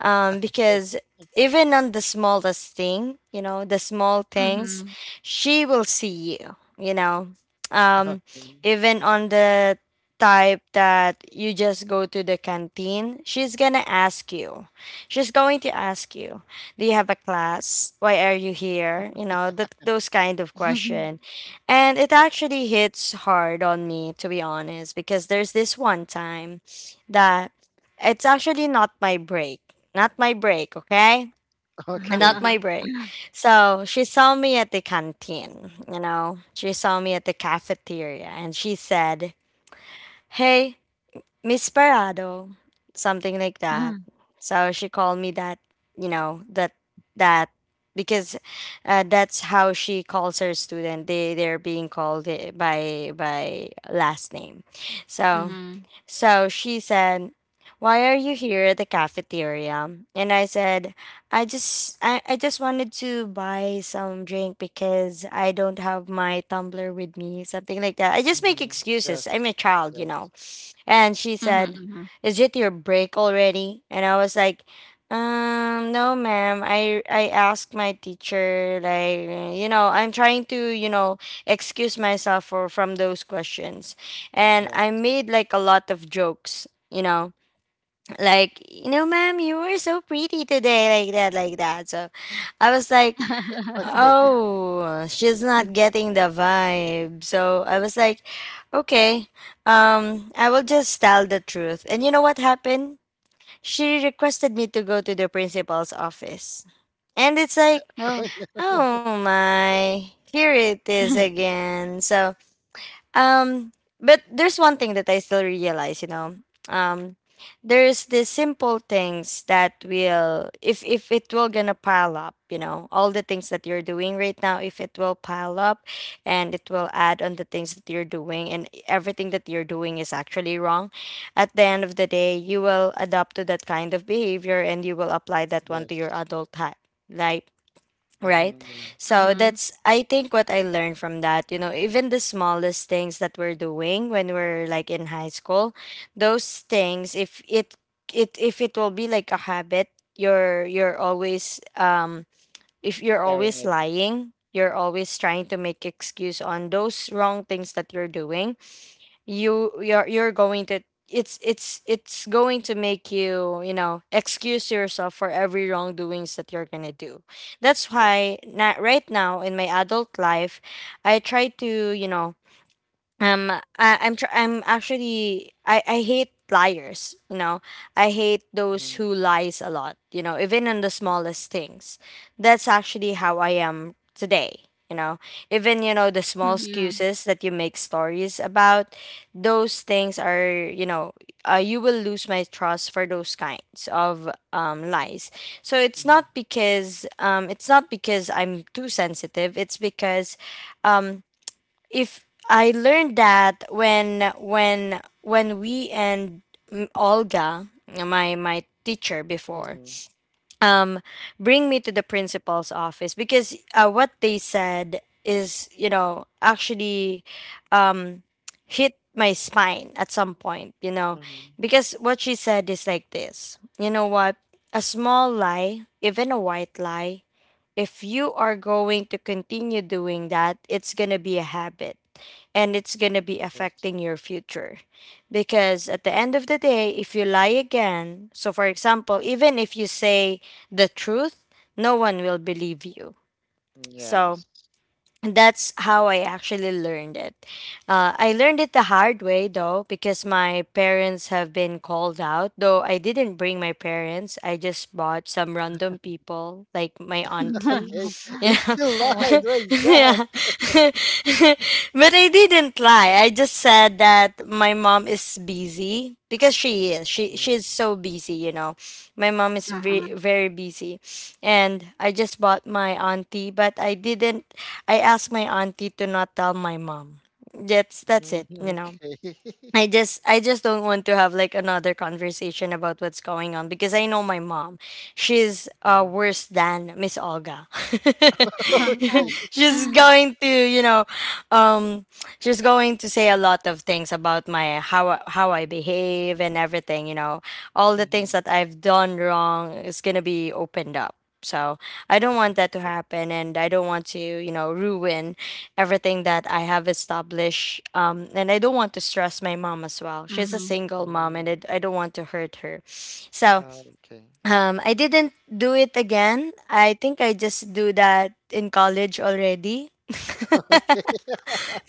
[SPEAKER 1] um, because even on the smallest thing, you know, the small things,
[SPEAKER 3] Mhm.
[SPEAKER 1] she will see you, you know.
[SPEAKER 2] Okay.
[SPEAKER 1] Um,
[SPEAKER 2] Okay.
[SPEAKER 1] Even on the type that you just go to the canteen, she's gonna ask you. She's going to ask you, do you have a class? Why are you here? You know, that Those kind of question. And it actually hits hard on me, to be honest, because there's this one time that it's actually not my break. Not my break, okay? And not my
[SPEAKER 2] Okay.
[SPEAKER 1] break. So she saw me at the canteen, you know? She saw me at the cafeteria and she said, Hey, Miss Parado, something like that. So she called me that, you know, that, that, because uh, that's how she calls her student. They, they're being called uh, by, by last name. So
[SPEAKER 3] Mhm.
[SPEAKER 1] so she said, why are you here at the cafeteria? And I said, I just I, I just wanted to buy some drink because I don't have my tumbler with me, something like that. I just make
[SPEAKER 2] Mm-hmm.
[SPEAKER 1] excuses.
[SPEAKER 2] Yes.
[SPEAKER 1] I'm a child, you
[SPEAKER 2] Yes.
[SPEAKER 1] know. And she
[SPEAKER 3] Mhm,
[SPEAKER 1] said,
[SPEAKER 3] mhm.
[SPEAKER 1] is it your break already? And I was like, um, no, ma'am. I I asked my teacher, like, you know, I'm trying to, you know, excuse myself for from those questions, and
[SPEAKER 2] Yeah.
[SPEAKER 1] I made like a lot of jokes, you know, like, you know, ma'am, you were so pretty today, like that, like that. So I was like,
[SPEAKER 2] Okay.
[SPEAKER 1] oh, she's not getting the vibe. So I was like, okay, um, I will just tell the truth. And you know what happened? She requested me to go to the principal's office. And it's like,
[SPEAKER 3] Oh.
[SPEAKER 2] Oh,
[SPEAKER 1] oh my, here it is again. So um, but there's one thing that I still realize, you know. Um, there's the simple things that will, if if it will gonna pile up, you know, all the things that you're doing right now, if it will pile up, and it will add on the things that you're doing, and everything that you're doing is actually wrong. At the end of the day, you will adapt to that kind of behavior, and you will apply that one to your
[SPEAKER 2] yes.
[SPEAKER 1] adult life, right?
[SPEAKER 2] Mm-hmm. Yeah.
[SPEAKER 1] So
[SPEAKER 3] Mhm.
[SPEAKER 1] that's, I think, what I learned from that. You know even the smallest things that we're doing when we're like in high school, those things, if it it if it will be like a habit, you're you're always, um if you're
[SPEAKER 2] Carrying
[SPEAKER 1] always
[SPEAKER 2] it.
[SPEAKER 1] lying, you're always trying to make excuse on those wrong things that you're doing, you you're you're going to it's it's it's going to make you you know excuse yourself for every wrongdoings that you're gonna do. That's
[SPEAKER 2] Yes.
[SPEAKER 1] why not right now in my adult life, I try to, you know um I, I'm tr- I'm actually I I hate liars. you know I hate those
[SPEAKER 2] Mm-hmm.
[SPEAKER 1] who lies a lot, you know even in the smallest things. That's actually how I am today, you know even, you know the small
[SPEAKER 3] Mhm.
[SPEAKER 1] excuses that you make stories about, those things are, you know uh, you will lose my trust for those kinds of, um, lies. So it's not because um, it's not because I'm too sensitive. It's because, um, if I learned that, when when when we and mm, Olga, my my teacher before,
[SPEAKER 2] Mm-hmm.
[SPEAKER 1] um, bring me to the principal's office because, uh, what they said is, you know, actually, um, hit my spine at some point, you know,
[SPEAKER 2] Mm-hmm.
[SPEAKER 1] because what she said is like this, you know what, a small lie, even a white lie, if you are going to continue doing that, it's going to be a habit, and it's going to be
[SPEAKER 2] Yes.
[SPEAKER 1] affecting your future. Because at the end of the day, if you lie again, so for example, even if you say the truth, no one will believe you. So
[SPEAKER 2] Yes.
[SPEAKER 1] that's how I actually learned it. Uh, I learned it the hard way though, because my parents have been called out. Though I didn't bring my parents, I just bought some random people, like my auntie.
[SPEAKER 2] Okay. It's
[SPEAKER 1] Yeah,
[SPEAKER 2] still lied.
[SPEAKER 3] Okey.
[SPEAKER 2] What is that?
[SPEAKER 1] yeah. But I didn't lie. I just said that my mom is busy because she is. She she's
[SPEAKER 2] Mhm.
[SPEAKER 1] so busy, you know. My mom is ve-
[SPEAKER 3] Mhm.
[SPEAKER 1] very busy. And I just bought my auntie, but I didn't. I asked my auntie to not tell my mom. That's that's
[SPEAKER 2] Mhm.
[SPEAKER 1] it, you know.
[SPEAKER 2] Okay.
[SPEAKER 1] I just I just don't want to have like another conversation about what's going on because I know my mom. She's uh
[SPEAKER 2] Mhm.
[SPEAKER 1] worse than Miss Olga.
[SPEAKER 3] Mhm.
[SPEAKER 2] Okay.
[SPEAKER 1] She's going to, you know, um she's going to say a lot of things about my how I- how I behave and everything, you know all the things
[SPEAKER 2] Mhm.
[SPEAKER 1] that I've done wrong is going to be opened up. So I don't want that to
[SPEAKER 2] Okay.
[SPEAKER 1] happen, and I don't want to, you know, ruin everything that I have established. Um, and I don't want to stress my mom as well. She's a single mom, and
[SPEAKER 2] Mm.
[SPEAKER 1] I, I don't want to hurt her. So
[SPEAKER 2] Okay.
[SPEAKER 1] um, I didn't do it again. I think I just do that in college already.
[SPEAKER 2] Okay.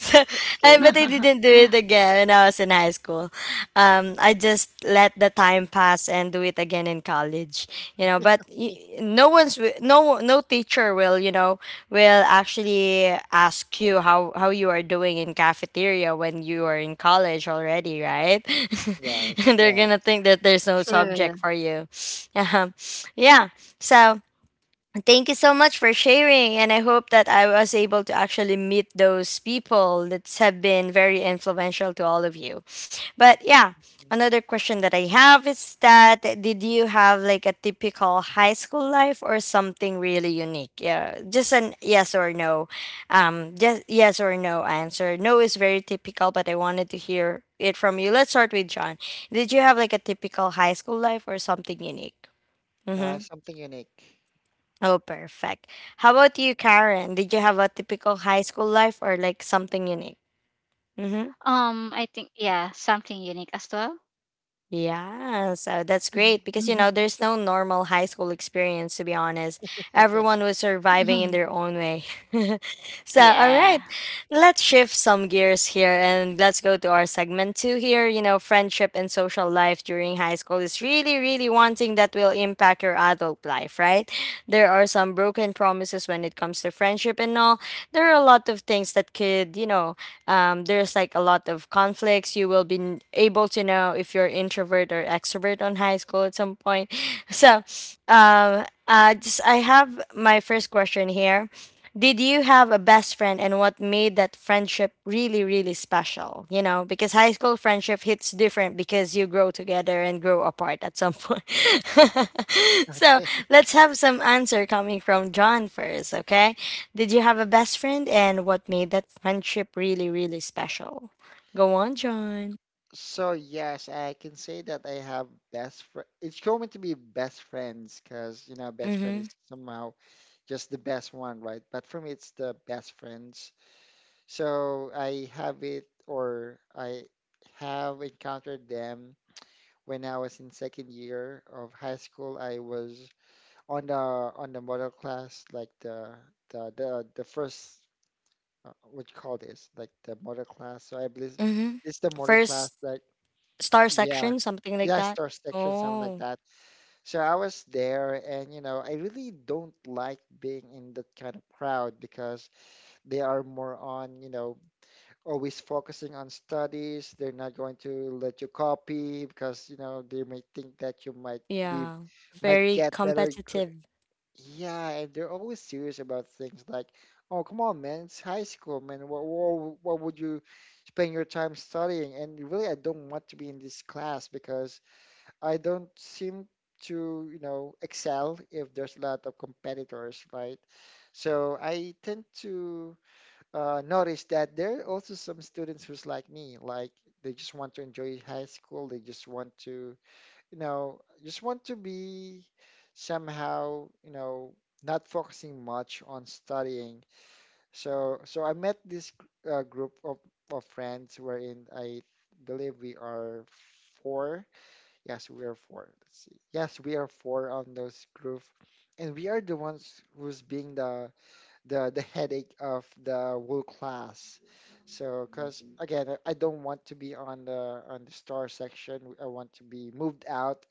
[SPEAKER 1] I,
[SPEAKER 2] Okay.
[SPEAKER 1] but I didn't do it again when I was in high school. Um, I just let the time pass and do it again in college. You know, but y- no one's wi- no no teacher will you know will actually ask you how how you are doing in cafeteria when you are in college already, right?
[SPEAKER 2] Yes.
[SPEAKER 1] They're
[SPEAKER 2] Yes.
[SPEAKER 1] gonna think that there's no
[SPEAKER 3] True.
[SPEAKER 1] subject for you. Um, yeah. So, thank you so much for sharing, and I hope that I was able to actually meet those people that have been very influential to all of you. But yeah, another question that I have is, that did you have like a typical high school life or something really unique? Yeah, just an yes or no. Um, just yes or no answer. No is very typical, but I wanted to hear it from you. Let's start with John. Did you have like a typical high school life or something unique?
[SPEAKER 2] Uh,
[SPEAKER 1] Mm-hmm.
[SPEAKER 2] something unique.
[SPEAKER 1] Oh, perfect. How about you, Karen? Did you have a typical high school life or like something unique? Mm-hmm.
[SPEAKER 3] Um, I think yeah, something unique as well.
[SPEAKER 1] Yeah, so that's great because you know there's no normal high school experience, to be honest. Everyone was surviving in
[SPEAKER 3] Mhm.
[SPEAKER 1] their own way. so all
[SPEAKER 3] Yeah.
[SPEAKER 1] right, let's shift some gears here and let's go to our segment two here. You know, friendship and social life during high school is really, really one thing that will impact your adult life, right? There are some broken promises when it comes to friendship and all. There are a lot of things that could, you know, um, there's like a lot of conflicts you will be n- able to know if you're introvert or extrovert on high school at some point. so um, uh, just, I have my first question here. Did you have a best friend, and what made that friendship really, really special? You know, because high school friendship hits different because you grow together and grow apart at some point. So let's have some answer coming from John first, okay? Did you have a best friend and what made that friendship really, really special? Go on, John.
[SPEAKER 2] So yes, I can say that I have best friend. It's going to be best friends because you know best friend
[SPEAKER 1] Mm-hmm.
[SPEAKER 2] is somehow just the best one, right? But for me, it's the best friends. So I have it, or I have encountered them when I was in second year of high school. I was on the on the model class, like the the the the first uh, what you call this, like the model class. So I believe
[SPEAKER 1] Mm-hmm.
[SPEAKER 2] it's the model class,
[SPEAKER 1] First
[SPEAKER 2] like
[SPEAKER 1] star
[SPEAKER 2] yeah.
[SPEAKER 1] section, something like
[SPEAKER 2] Yeah,
[SPEAKER 1] that.
[SPEAKER 2] store section, something like
[SPEAKER 1] Oh,
[SPEAKER 2] that. So I was there, and you know, I really don't like being in that kind of crowd because they are more on, you know, always focusing on studies. They're not going to let you copy because, you know, they may think that you might be,
[SPEAKER 1] yeah.
[SPEAKER 2] might
[SPEAKER 1] Very
[SPEAKER 2] get better. gr-
[SPEAKER 1] competitive.
[SPEAKER 2] Yeah, and they're always serious about things like, oh, come on, man, it's high school, man. What, what, what would you spend your time studying? And really, I don't want to be in this class because I don't seem to, you know, excel if there's a lot of competitors, right? So I tend to uh, notice that there are also some students who's like me, like they just want to enjoy high school, they just want to, you know, just want to be somehow, you know, not focusing much on studying. So so I met this uh, group of, of friends wherein I believe we are four. Yes, we are four. Let's see. Yes, we are four on those group, and we are the ones who's being the the the headache of the whole class. So, cause again, I I don't want to be on the on the star section. I want to be moved out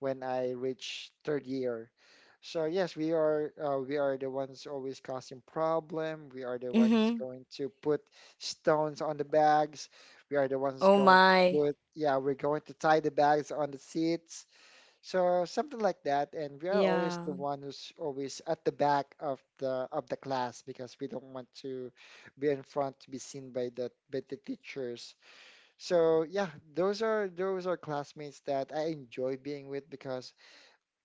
[SPEAKER 2] when I reach third year. So yes, we are uh, we are the ones always causing problem. We are the ones
[SPEAKER 1] Mm-hmm.
[SPEAKER 2] going to put stones on the bags. We are the ones
[SPEAKER 1] Oh
[SPEAKER 2] going to
[SPEAKER 1] my.
[SPEAKER 2] put yeah, we're going to tie the bags on the seats. So something like that. And we are always the
[SPEAKER 1] Yeah.
[SPEAKER 2] one who's always at the back of the of the class because we don't want to be in front to be seen by the by the teachers. So yeah, those are those are classmates that I enjoy being with because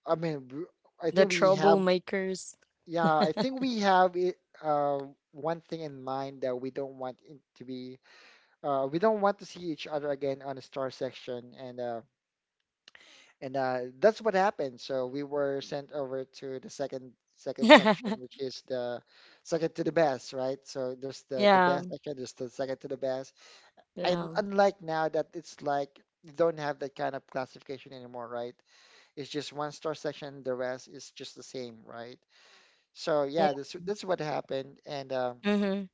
[SPEAKER 2] I mean, w- I
[SPEAKER 1] The
[SPEAKER 2] think we have,
[SPEAKER 1] troublemakers.
[SPEAKER 2] yeah, I think we have it, uh, one thing in mind that we don't want it to be, uh, we don't want to see each other again on the star section, and uh, and uh, that's what happened. So we were sent over to the second second
[SPEAKER 1] Yeah.
[SPEAKER 2] section, which is the second to the best, right? So there's the the
[SPEAKER 1] Yeah.
[SPEAKER 2] best section, there's the second to the best, and
[SPEAKER 1] Yeah.
[SPEAKER 2] unlike now that it's like you don't have that kind of classification anymore, right? It's just one star section, the rest is just the same, right? So yeah, this that's what happened, and um,
[SPEAKER 1] Mm-hmm.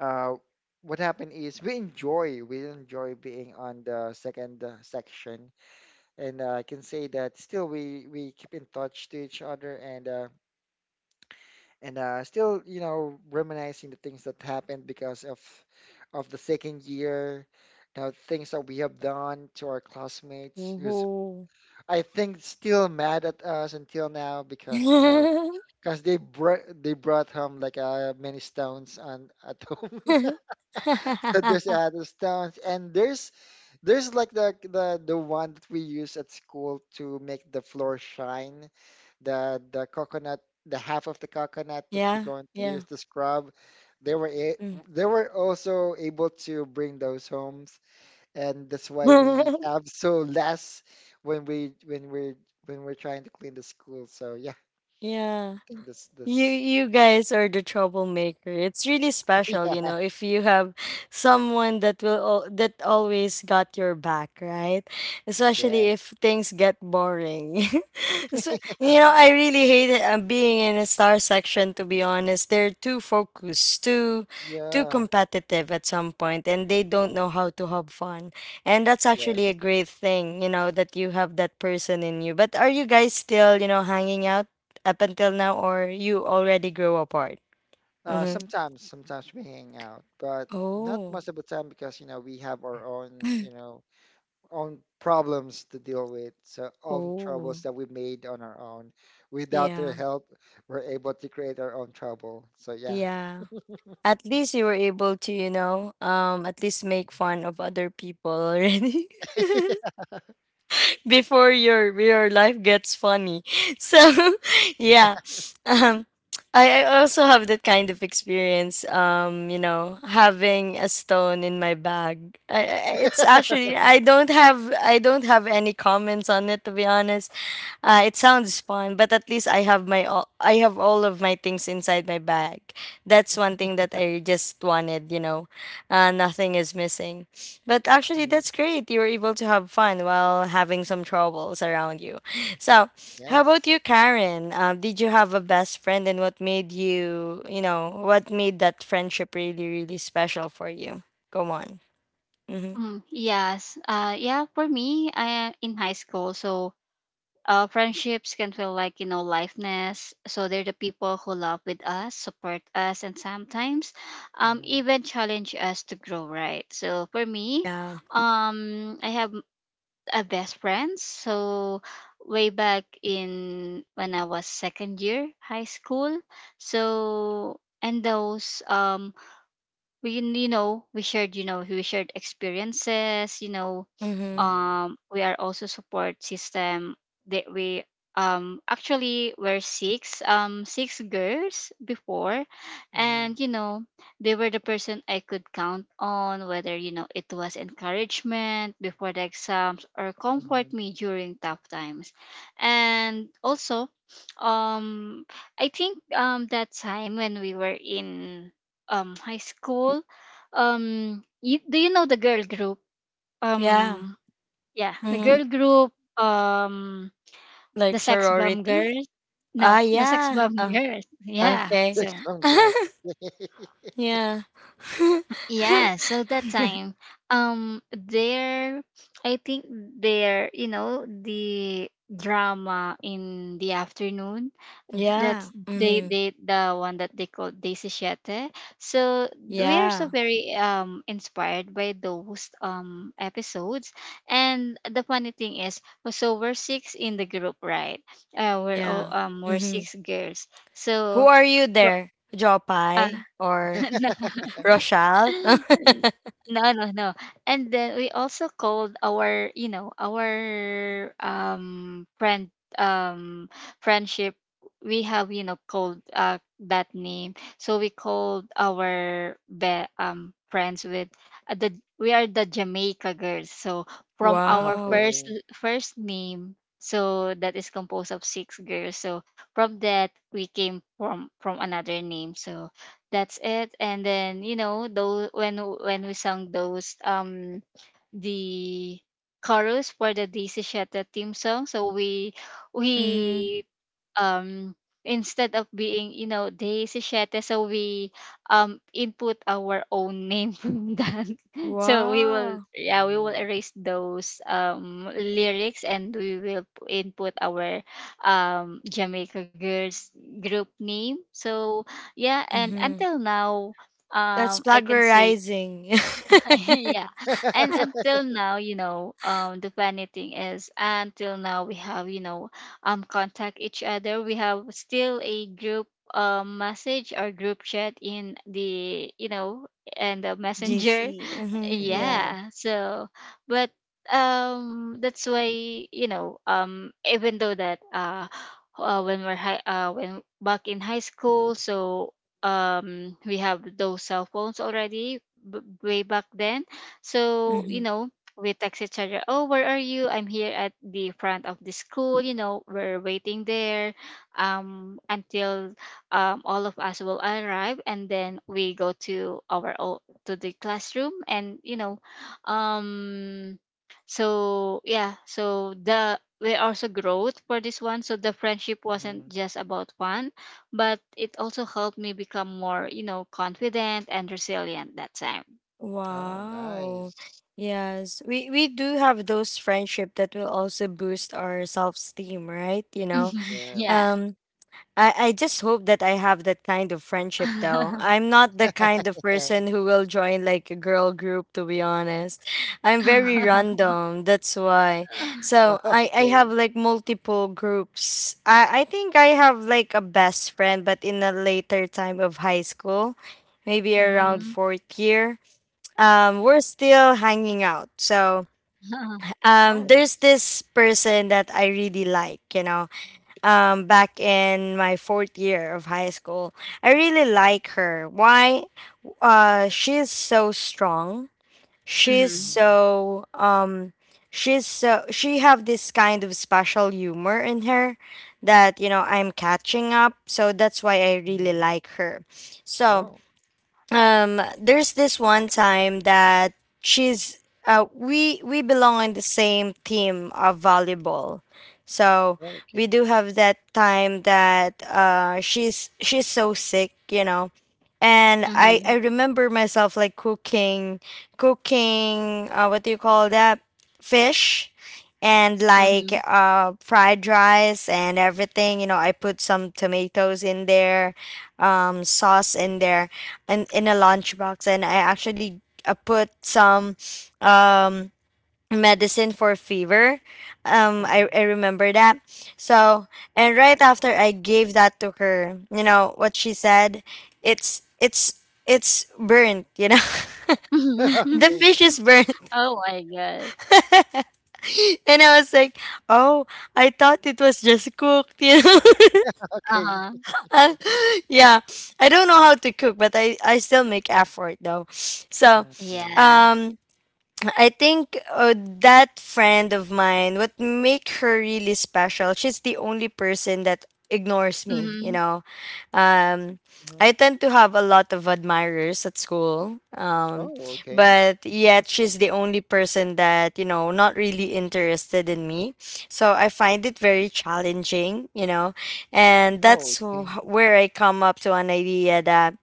[SPEAKER 2] uh, what happened is we enjoy we enjoy being on the second uh, section, and uh, I can say that still we we keep in touch to each other, and uh, and uh, still you know reminiscing the things that happened because of of the second year, now things that we have done to our classmates who's
[SPEAKER 1] Woohoo.
[SPEAKER 2] I think still mad at us until now because you know. Because they brought they brought home like uh, many stones on at home. So there's other stones and there's there's like the the the one that we use at school to make the floor shine. The the coconut, the half of the coconut that we're
[SPEAKER 1] Yeah.
[SPEAKER 2] going to use
[SPEAKER 1] Yeah.
[SPEAKER 2] to scrub. They were a-
[SPEAKER 1] Mm.
[SPEAKER 2] they were also able to bring those homes, and that's why we have so less when we when we're when we're trying to clean the school. So yeah, I
[SPEAKER 1] Yeah.
[SPEAKER 2] think this
[SPEAKER 1] You
[SPEAKER 2] this
[SPEAKER 1] you guys are the troublemaker. It's really special, you
[SPEAKER 2] yeah.
[SPEAKER 1] know, if you have someone that will al- that always got your back, right?
[SPEAKER 2] Yeah.
[SPEAKER 1] Especially if things get boring. So, you know,
[SPEAKER 2] Uh-huh.
[SPEAKER 1] I really hate it, uh, being in a star section to be honest. They're too focused, too too
[SPEAKER 2] Yeah,
[SPEAKER 1] competitive at some point and they don't know how to have fun. And that's actually
[SPEAKER 2] yes.
[SPEAKER 1] a great thing, you know, that you have that person in you. But are you guys still, you know, hanging out up until now, or you already grew apart?
[SPEAKER 2] Uh,
[SPEAKER 1] Mm-hmm.
[SPEAKER 2] sometimes, sometimes we hang out, but not
[SPEAKER 1] Oh.
[SPEAKER 2] most of the time because, you know, we have our own, you know, own problems to deal with. So, own troubles
[SPEAKER 1] Oh.
[SPEAKER 2] that we made on our own. Without their
[SPEAKER 1] Yeah.
[SPEAKER 2] help, we're able to create our own trouble. So, yeah.
[SPEAKER 1] Yeah. At least you were able to, you know, um, at least make fun of other people already before your your life gets funny. So, yeah. Um, I, I also have that kind of experience. Um, you know, having a stone in my bag. I, I- it's actually I don't have I don't have any comments on it to be honest. Uh, it sounds fun, but at least I have my all, I have all of my things inside my bag. That's one thing that I just wanted, you know. Uh, nothing is missing. But actually,
[SPEAKER 2] Mhm.
[SPEAKER 1] that's great. You were able to have fun while having some troubles around you. So, how about
[SPEAKER 2] Yes.
[SPEAKER 1] you, Karen? Um, did you have a best friend, and what made you, you know, what made that friendship really, really special for you? Go on. Mm-hmm.
[SPEAKER 3] Mm, yes. Uh, yeah, for me, I am in high school, so uh, friendships can feel like, you know, lifeless. So they're the people who love with us, support us, and sometimes um,
[SPEAKER 2] Mm-hmm.
[SPEAKER 3] even challenge us to grow, right? So for me,
[SPEAKER 1] Yeah.
[SPEAKER 3] um, I have a best friend. So way back in when I was second year high school. So and those um we, you know, we shared you know we shared experiences, you know,
[SPEAKER 1] Mm-hmm.
[SPEAKER 2] Mm-hmm.
[SPEAKER 3] um we are also support system that we um actually were six, um six girls before.
[SPEAKER 2] Mm-hmm.
[SPEAKER 3] And you know, they were the person I could count on whether, you know, it was encouragement before the exams or comfort
[SPEAKER 2] Mm-hmm.
[SPEAKER 3] me during tough times. And also um i think um that time when we were in um high school. Um, you, do you know the girl group?
[SPEAKER 1] Yeah.
[SPEAKER 3] Um, yeah, the
[SPEAKER 1] Mm-hmm.
[SPEAKER 3] girl group. Um, the
[SPEAKER 1] Like
[SPEAKER 3] sex bomb
[SPEAKER 1] sorority.
[SPEAKER 3] girls.
[SPEAKER 1] Ah,
[SPEAKER 3] No, the sex
[SPEAKER 1] yeah.
[SPEAKER 3] bomb
[SPEAKER 1] Oh,
[SPEAKER 3] girls. Yeah.
[SPEAKER 1] okay.
[SPEAKER 3] So
[SPEAKER 2] Strong girls.
[SPEAKER 1] Yeah.
[SPEAKER 3] yeah, so that time, um, there, I think there, you know, the drama in the afternoon,
[SPEAKER 1] Yeah.
[SPEAKER 3] that's they
[SPEAKER 1] Mhm.
[SPEAKER 3] they the one that they call Daisy Siete. So we are so
[SPEAKER 1] Yeah.
[SPEAKER 3] very um inspired by those um episodes. And the funny thing is, so we're six in the group, right? Uh, we're all
[SPEAKER 1] Yeah.
[SPEAKER 3] um we're
[SPEAKER 1] Mhm.
[SPEAKER 3] six girls.
[SPEAKER 1] Who
[SPEAKER 3] So.
[SPEAKER 1] are you
[SPEAKER 3] pro-
[SPEAKER 1] there?
[SPEAKER 3] Uh,
[SPEAKER 1] Jopai or Rochelle?
[SPEAKER 3] No, no, no. And then we also called our, you know, our um friend um friendship. We have, you know, called uh that name. So we called our be um friends with uh, the we are the Jamaica girls. So from
[SPEAKER 2] Okay.
[SPEAKER 3] our
[SPEAKER 1] Wow.
[SPEAKER 3] first
[SPEAKER 2] Okay.
[SPEAKER 3] l- first name, so that is composed of six girls. So from that we came from from another name. So that's it. And then you know, though, when when we sang those um the chorus for the Daisy Shetta theme song, so we
[SPEAKER 1] Mhm.
[SPEAKER 3] we um instead of being, you know, de sachete, so we um input our own name from that. So we will,
[SPEAKER 1] Wow.
[SPEAKER 3] yeah, we will
[SPEAKER 2] Mm-hmm.
[SPEAKER 3] erase those um lyrics and we will p- input our um jamaica girls group name. So yeah, and
[SPEAKER 1] Mhm.
[SPEAKER 3] until now,
[SPEAKER 1] That's
[SPEAKER 3] um I can say
[SPEAKER 1] plagiarizing.
[SPEAKER 3] yeah. And until now, you know, um the funny thing is, until now we have, you know, um contact each other, we have still a group um message or group chat in the, you know, and the messenger,
[SPEAKER 1] G C. Mhm.
[SPEAKER 2] Mm-hmm.
[SPEAKER 1] Yeah.
[SPEAKER 3] yeah. So but um that's why, you know, um even though that uh, uh when we're high uh when back in high school, so um we have those cell phones already, b- way back then. So you
[SPEAKER 1] Mhm.
[SPEAKER 3] know, we text each other, oh, where are you? I'm here at the front of the school, you know, we're waiting there um until um all of us will arrive, and then we go to our own, to the classroom. And you know, um so yeah, so the we also growth for this one. So the friendship wasn't just about fun, but it also helped me become more, you know, confident and resilient that time.
[SPEAKER 2] Oh,
[SPEAKER 1] Wow.
[SPEAKER 2] nice.
[SPEAKER 1] Yes. We we do have those friendship that will also boost our self-esteem, right? You know.
[SPEAKER 3] Mhm, yeah.
[SPEAKER 2] Yes.
[SPEAKER 1] Um I I just hope that I have that kind of friendship though. I'm not the kind of person who will join like a girl group to be honest. I'm very random, that's why. So, I I have
[SPEAKER 2] Okay.
[SPEAKER 1] like multiple groups. I I think I have like a best friend but in a later time of high school, maybe around
[SPEAKER 3] Mhm.
[SPEAKER 2] Mhm.
[SPEAKER 1] fourth year. Um, we're still hanging out. So um,
[SPEAKER 2] Oh,
[SPEAKER 1] there's
[SPEAKER 2] that's,
[SPEAKER 1] this person that I really like, you know, um, back in my fourth year of high school. I really like her. Why? Uh, she's so strong. She's
[SPEAKER 3] Mhm.
[SPEAKER 2] mhm,
[SPEAKER 1] so um, she's so she have this kind of special humor in her that you know I'm catching up. So that's why I really
[SPEAKER 2] mhm,
[SPEAKER 1] like her. So
[SPEAKER 2] oh,
[SPEAKER 1] um, there's this one time that she's uh we we belong in the same team of volleyball. So we
[SPEAKER 2] okay.
[SPEAKER 1] do have that time that uh she's she's so sick, you know, and i
[SPEAKER 3] Mhm.
[SPEAKER 1] i remember myself like cooking cooking uh What do you call that, fish, and like
[SPEAKER 3] Mhm.
[SPEAKER 1] uh, fried rice and everything, you know? I put some tomatoes in there, um, sauce in there, and in a lunchbox, and I actually uh, put some um, medicine for fever. Um I,
[SPEAKER 2] Mhm,
[SPEAKER 1] I remember that. So and right after I gave that to her, you know what she said? It's it's it's burnt, you know. The
[SPEAKER 2] okay.
[SPEAKER 1] fish is burnt.
[SPEAKER 3] Oh my god.
[SPEAKER 1] And I was like, oh, I thought it was just cooked, you know.
[SPEAKER 2] Okay.
[SPEAKER 3] Uh-huh.
[SPEAKER 1] Uh, yeah. I don't know how to cook, but I, I still make effort though. So
[SPEAKER 2] Mhm, yeah.
[SPEAKER 3] Yeah.
[SPEAKER 1] um, I think uh, that friend of mine, what make her really special, she's the only person that ignores me, you
[SPEAKER 3] Hmm.
[SPEAKER 1] know. Um, I
[SPEAKER 2] Mhm.
[SPEAKER 1] tend to have a lot of admirers at school, um,
[SPEAKER 2] Oh, okay.
[SPEAKER 1] but yet she's the only person that, you know, not really interested in me. So I find it very challenging, you know, and
[SPEAKER 2] Oh,
[SPEAKER 1] that's wh-
[SPEAKER 2] okay.
[SPEAKER 1] where I come up to an idea that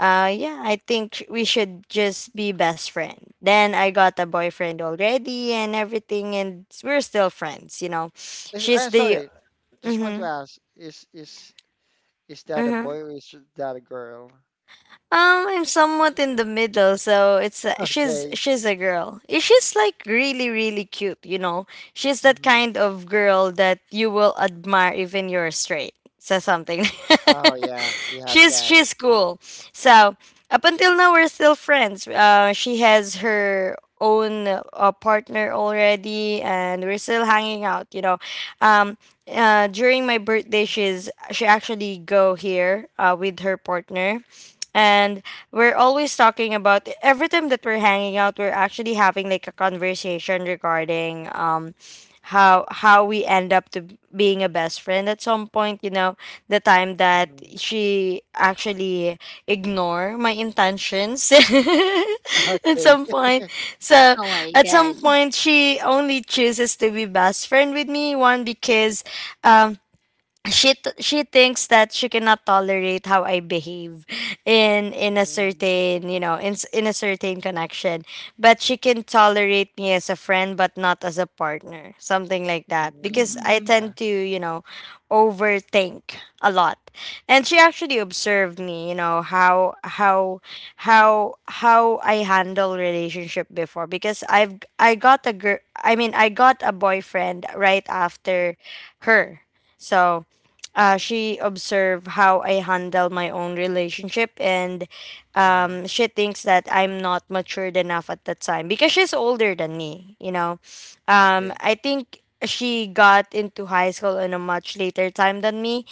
[SPEAKER 1] uh, yeah, I think we should just be best friend. Then I got a boyfriend already and everything, and we're still friends. You know,
[SPEAKER 2] Is,
[SPEAKER 1] she's
[SPEAKER 2] I'm
[SPEAKER 1] the.
[SPEAKER 2] sorry. Just want to
[SPEAKER 1] Mm-hmm,
[SPEAKER 2] ask, is is is that a
[SPEAKER 1] mm-hmm.
[SPEAKER 2] boy or is that a girl?
[SPEAKER 1] Um, I'm somewhat in the middle, so it's a, she's
[SPEAKER 2] Okay.
[SPEAKER 1] she's a girl. Eh, she's like really really cute, you know. She's that
[SPEAKER 2] Mhm,
[SPEAKER 1] kind of girl that you will admire even you're straight. So something.
[SPEAKER 2] oh, yeah. We have
[SPEAKER 1] she's
[SPEAKER 2] that.
[SPEAKER 1] she's cool. So up until now we're still friends. Uh, she has her own uh, partner already, and we're still hanging out. You know, um, uh, during my birthday, she's she actually go here uh, with her partner, and we're always talking about every time that we're hanging out. We're actually having like a conversation regarding um, how how we end up to being a best friend at some point. You know, the time that
[SPEAKER 2] Mhm,
[SPEAKER 1] she actually ignore my intentions at
[SPEAKER 2] okay.
[SPEAKER 1] some point. So
[SPEAKER 3] Oh my
[SPEAKER 1] at some
[SPEAKER 3] god.
[SPEAKER 1] point she only chooses to be best friend with me one because um, she t- she thinks that she cannot tolerate how I behave in in a
[SPEAKER 2] Mhm,
[SPEAKER 1] certain you know in s- in a certain connection, but she can tolerate me as a friend but not as a partner, something like that. Because
[SPEAKER 2] mhm,
[SPEAKER 3] Mm-hmm.
[SPEAKER 1] I
[SPEAKER 2] yeah.
[SPEAKER 1] tend to you know overthink a lot, and she actually observed me, you know how how how how I handle relationship before because I've I got a girl. I mean, I got a boyfriend right after her. So uh, she observed how I handle my own relationship, and
[SPEAKER 2] Uh-huh.
[SPEAKER 1] um, she thinks that I'm not matured enough at that time because she's older than me. You know, um,
[SPEAKER 2] Okay.
[SPEAKER 1] I think she got into high school in a much later time than me,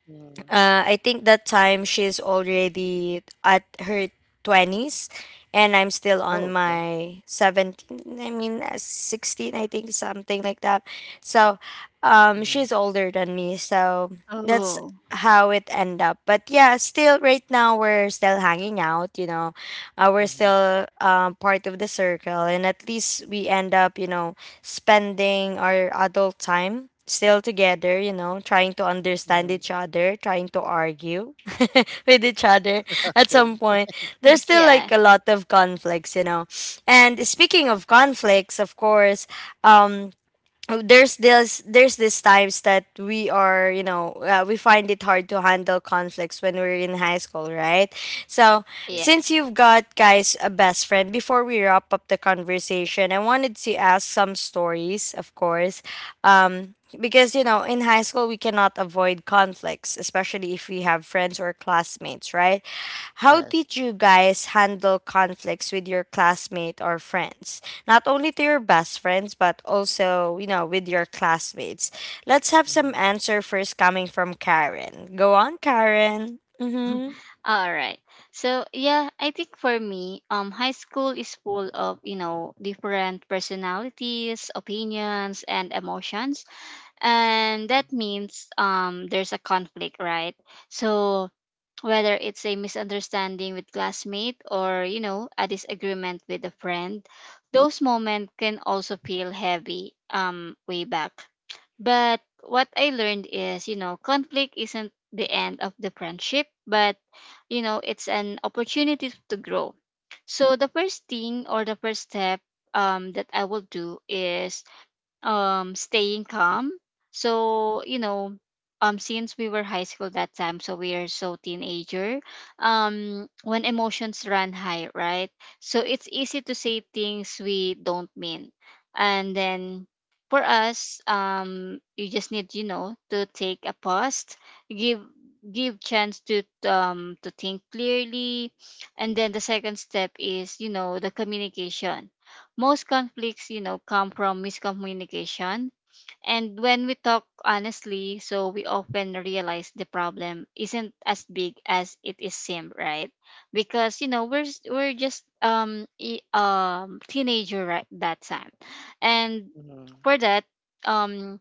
[SPEAKER 2] Mhm,
[SPEAKER 1] uh, I think that time she's already at her twenties and I'm still
[SPEAKER 2] oh,
[SPEAKER 1] on my seventeen, I mean uh, sixteen, I think something like that. So, um
[SPEAKER 2] okay.
[SPEAKER 1] she's older than me. So, that's
[SPEAKER 3] Oh,
[SPEAKER 1] how it end up. But yeah, still right now we're still hanging out, you know. Uh, we're
[SPEAKER 2] Mm-hmm.
[SPEAKER 1] still um part of the circle and at least we end up, you know, spending our adult time still together, you know, trying to understand
[SPEAKER 2] Mm-hmm.
[SPEAKER 1] each other, trying to argue with each other at some
[SPEAKER 2] Thank.
[SPEAKER 1] point. There's still
[SPEAKER 3] yeah,
[SPEAKER 1] like a lot of conflicts, you know. And speaking of conflicts, of course, um oh, there's this there's these times that we are you know uh, we find it hard to handle conflicts when we're in high school, right? So
[SPEAKER 3] yeah.
[SPEAKER 2] Yes.
[SPEAKER 1] since you've got guys a best friend before we wrap up the conversation, I wanted to ask some stories of course, um, because you know in high school we cannot avoid conflicts especially if we have friends or classmates, right? How
[SPEAKER 2] Yes.
[SPEAKER 1] did you guys handle conflicts with your classmate or friends, not only to your best friends, but also, you know, with your classmates. Let's have some
[SPEAKER 2] Mm-hmm.
[SPEAKER 1] answer first coming from Karen. Go on, Karen. Mm-hmm.
[SPEAKER 3] All right. So yeah, I think for me, um, high school is full of, you know, different personalities, opinions, and emotions, and that means um, there's a conflict, right? So whether it's a misunderstanding with classmate, or you know, a disagreement with a friend, those moments can also feel heavy um way back. But what I learned is, you know, conflict isn't the end of the friendship, but, you know, it's an opportunity to grow. So the first thing or the first step um, that I will do is um staying calm. So you know, um since we were high school that time, so we are so teenager, um when emotions run high, right? So it's easy to say things we don't mean. And then for us, um you just need, you know, to take a pause, give give chance to um to think clearly. And then the second step is, you know, the communication. Most conflicts, you know, come from miscommunication. And when we talk honestly, so we often realize the problem isn't as big as it is seem, right? Because you know, we're s- we're just um e- um teenager at that time. And
[SPEAKER 2] Mm-hmm.
[SPEAKER 3] for that, um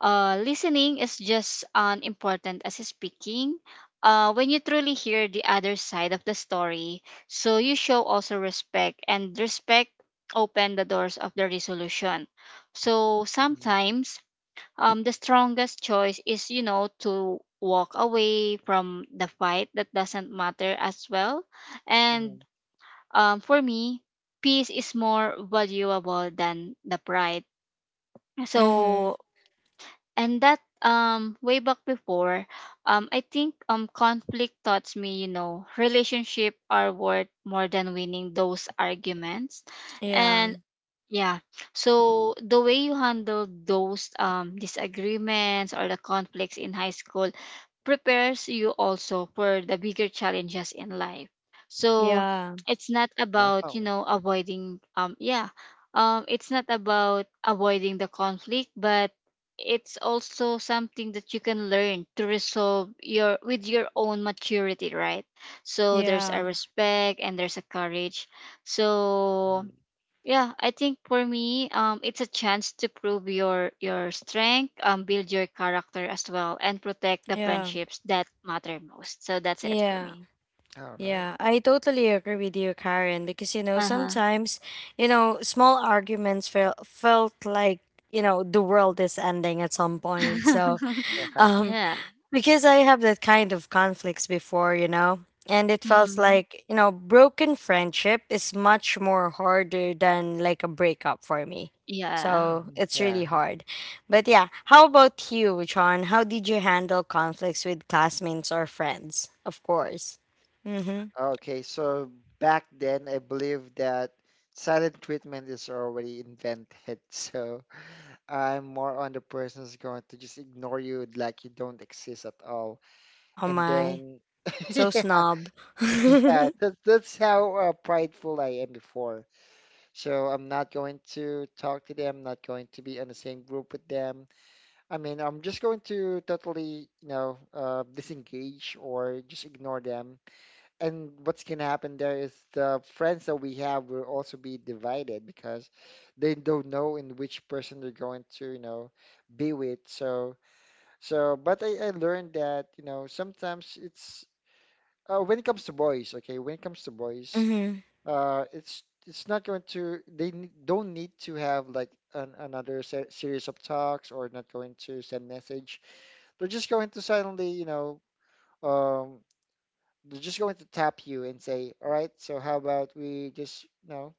[SPEAKER 3] uh, listening is just as important as speaking. Uh, when you truly hear the other side of the story, so you show also respect, and respect open the doors of the resolution. So
[SPEAKER 2] Mm-hmm.
[SPEAKER 3] sometimes, um, the strongest choice is, you know, to walk away from the fight that doesn't matter as well. And
[SPEAKER 2] Mm-hmm.
[SPEAKER 3] um, for me, peace is more valuable than the pride.
[SPEAKER 1] Mm-hmm.
[SPEAKER 3] So, and that um way back before, um I think um conflict taught me, you know, relationship are worth more than winning those arguments.
[SPEAKER 1] Yeah.
[SPEAKER 3] And yeah. So the way you handled those um disagreements or the conflicts in high school prepares you also for the bigger challenges in life. So
[SPEAKER 1] Yeah.
[SPEAKER 3] it's not about, you
[SPEAKER 2] Wow.
[SPEAKER 3] know, avoiding um yeah. Um, it's not about avoiding the conflict, but it's also something that you can learn to resolve your with your own maturity, right? So there's a
[SPEAKER 1] Yeah.
[SPEAKER 3] respect and there's a courage. So
[SPEAKER 2] Mm-hmm.
[SPEAKER 3] yeah, I think for me, um, it's a chance to prove your your strength, um, build your character as well, and protect the
[SPEAKER 1] Yeah.
[SPEAKER 3] friendships that matter most. So that's it for
[SPEAKER 1] Yeah.
[SPEAKER 3] me.
[SPEAKER 2] All right.
[SPEAKER 1] Yeah. I totally agree with you, Karen, because you know,
[SPEAKER 3] Uh huh.
[SPEAKER 1] sometimes, you know, small arguments felt felt like, you know, the world is ending at some point. So,
[SPEAKER 2] Yeah.
[SPEAKER 1] um,
[SPEAKER 3] Yeah.
[SPEAKER 1] because I have that kind of conflicts before, you know, and it felt
[SPEAKER 3] Mm-hmm.
[SPEAKER 1] like, you know, broken friendship is much more harder than like a breakup for me.
[SPEAKER 3] Yeah.
[SPEAKER 1] So
[SPEAKER 2] Mm-hmm.
[SPEAKER 1] it's
[SPEAKER 2] Yeah.
[SPEAKER 1] really hard. But yeah, how about you, John? How did you handle conflicts with classmates or friends? Of course. Mm-hmm.
[SPEAKER 2] Okay. So back then, I believe that silent treatment is already invented. So I'm more on the person who's going to just ignore you like you don't exist at all.
[SPEAKER 1] Oh
[SPEAKER 2] And
[SPEAKER 1] my.
[SPEAKER 2] then,
[SPEAKER 1] So
[SPEAKER 2] yeah,
[SPEAKER 1] snob.
[SPEAKER 2] yeah. That's that's how uh, prideful I am before. So I'm not going to talk to them, not going to be on the same group with them. I mean, I'm just going to totally, you know, uh, disengage or just ignore them. And what's going to happen there is the friends that we have will also be divided because they don't know in which person they're going to, you know, be with. So, so, but I, I learned that, you know, sometimes it's, uh, when it comes to boys, okay, when it comes to boys,
[SPEAKER 1] Mm-hmm.
[SPEAKER 2] uh, it's it's not going to, they n- don't need to have like an, another se- series of talks or not going to send message. They're just going to suddenly, you know, um, they're just going to tap you and say, all right, so how about we just, you know,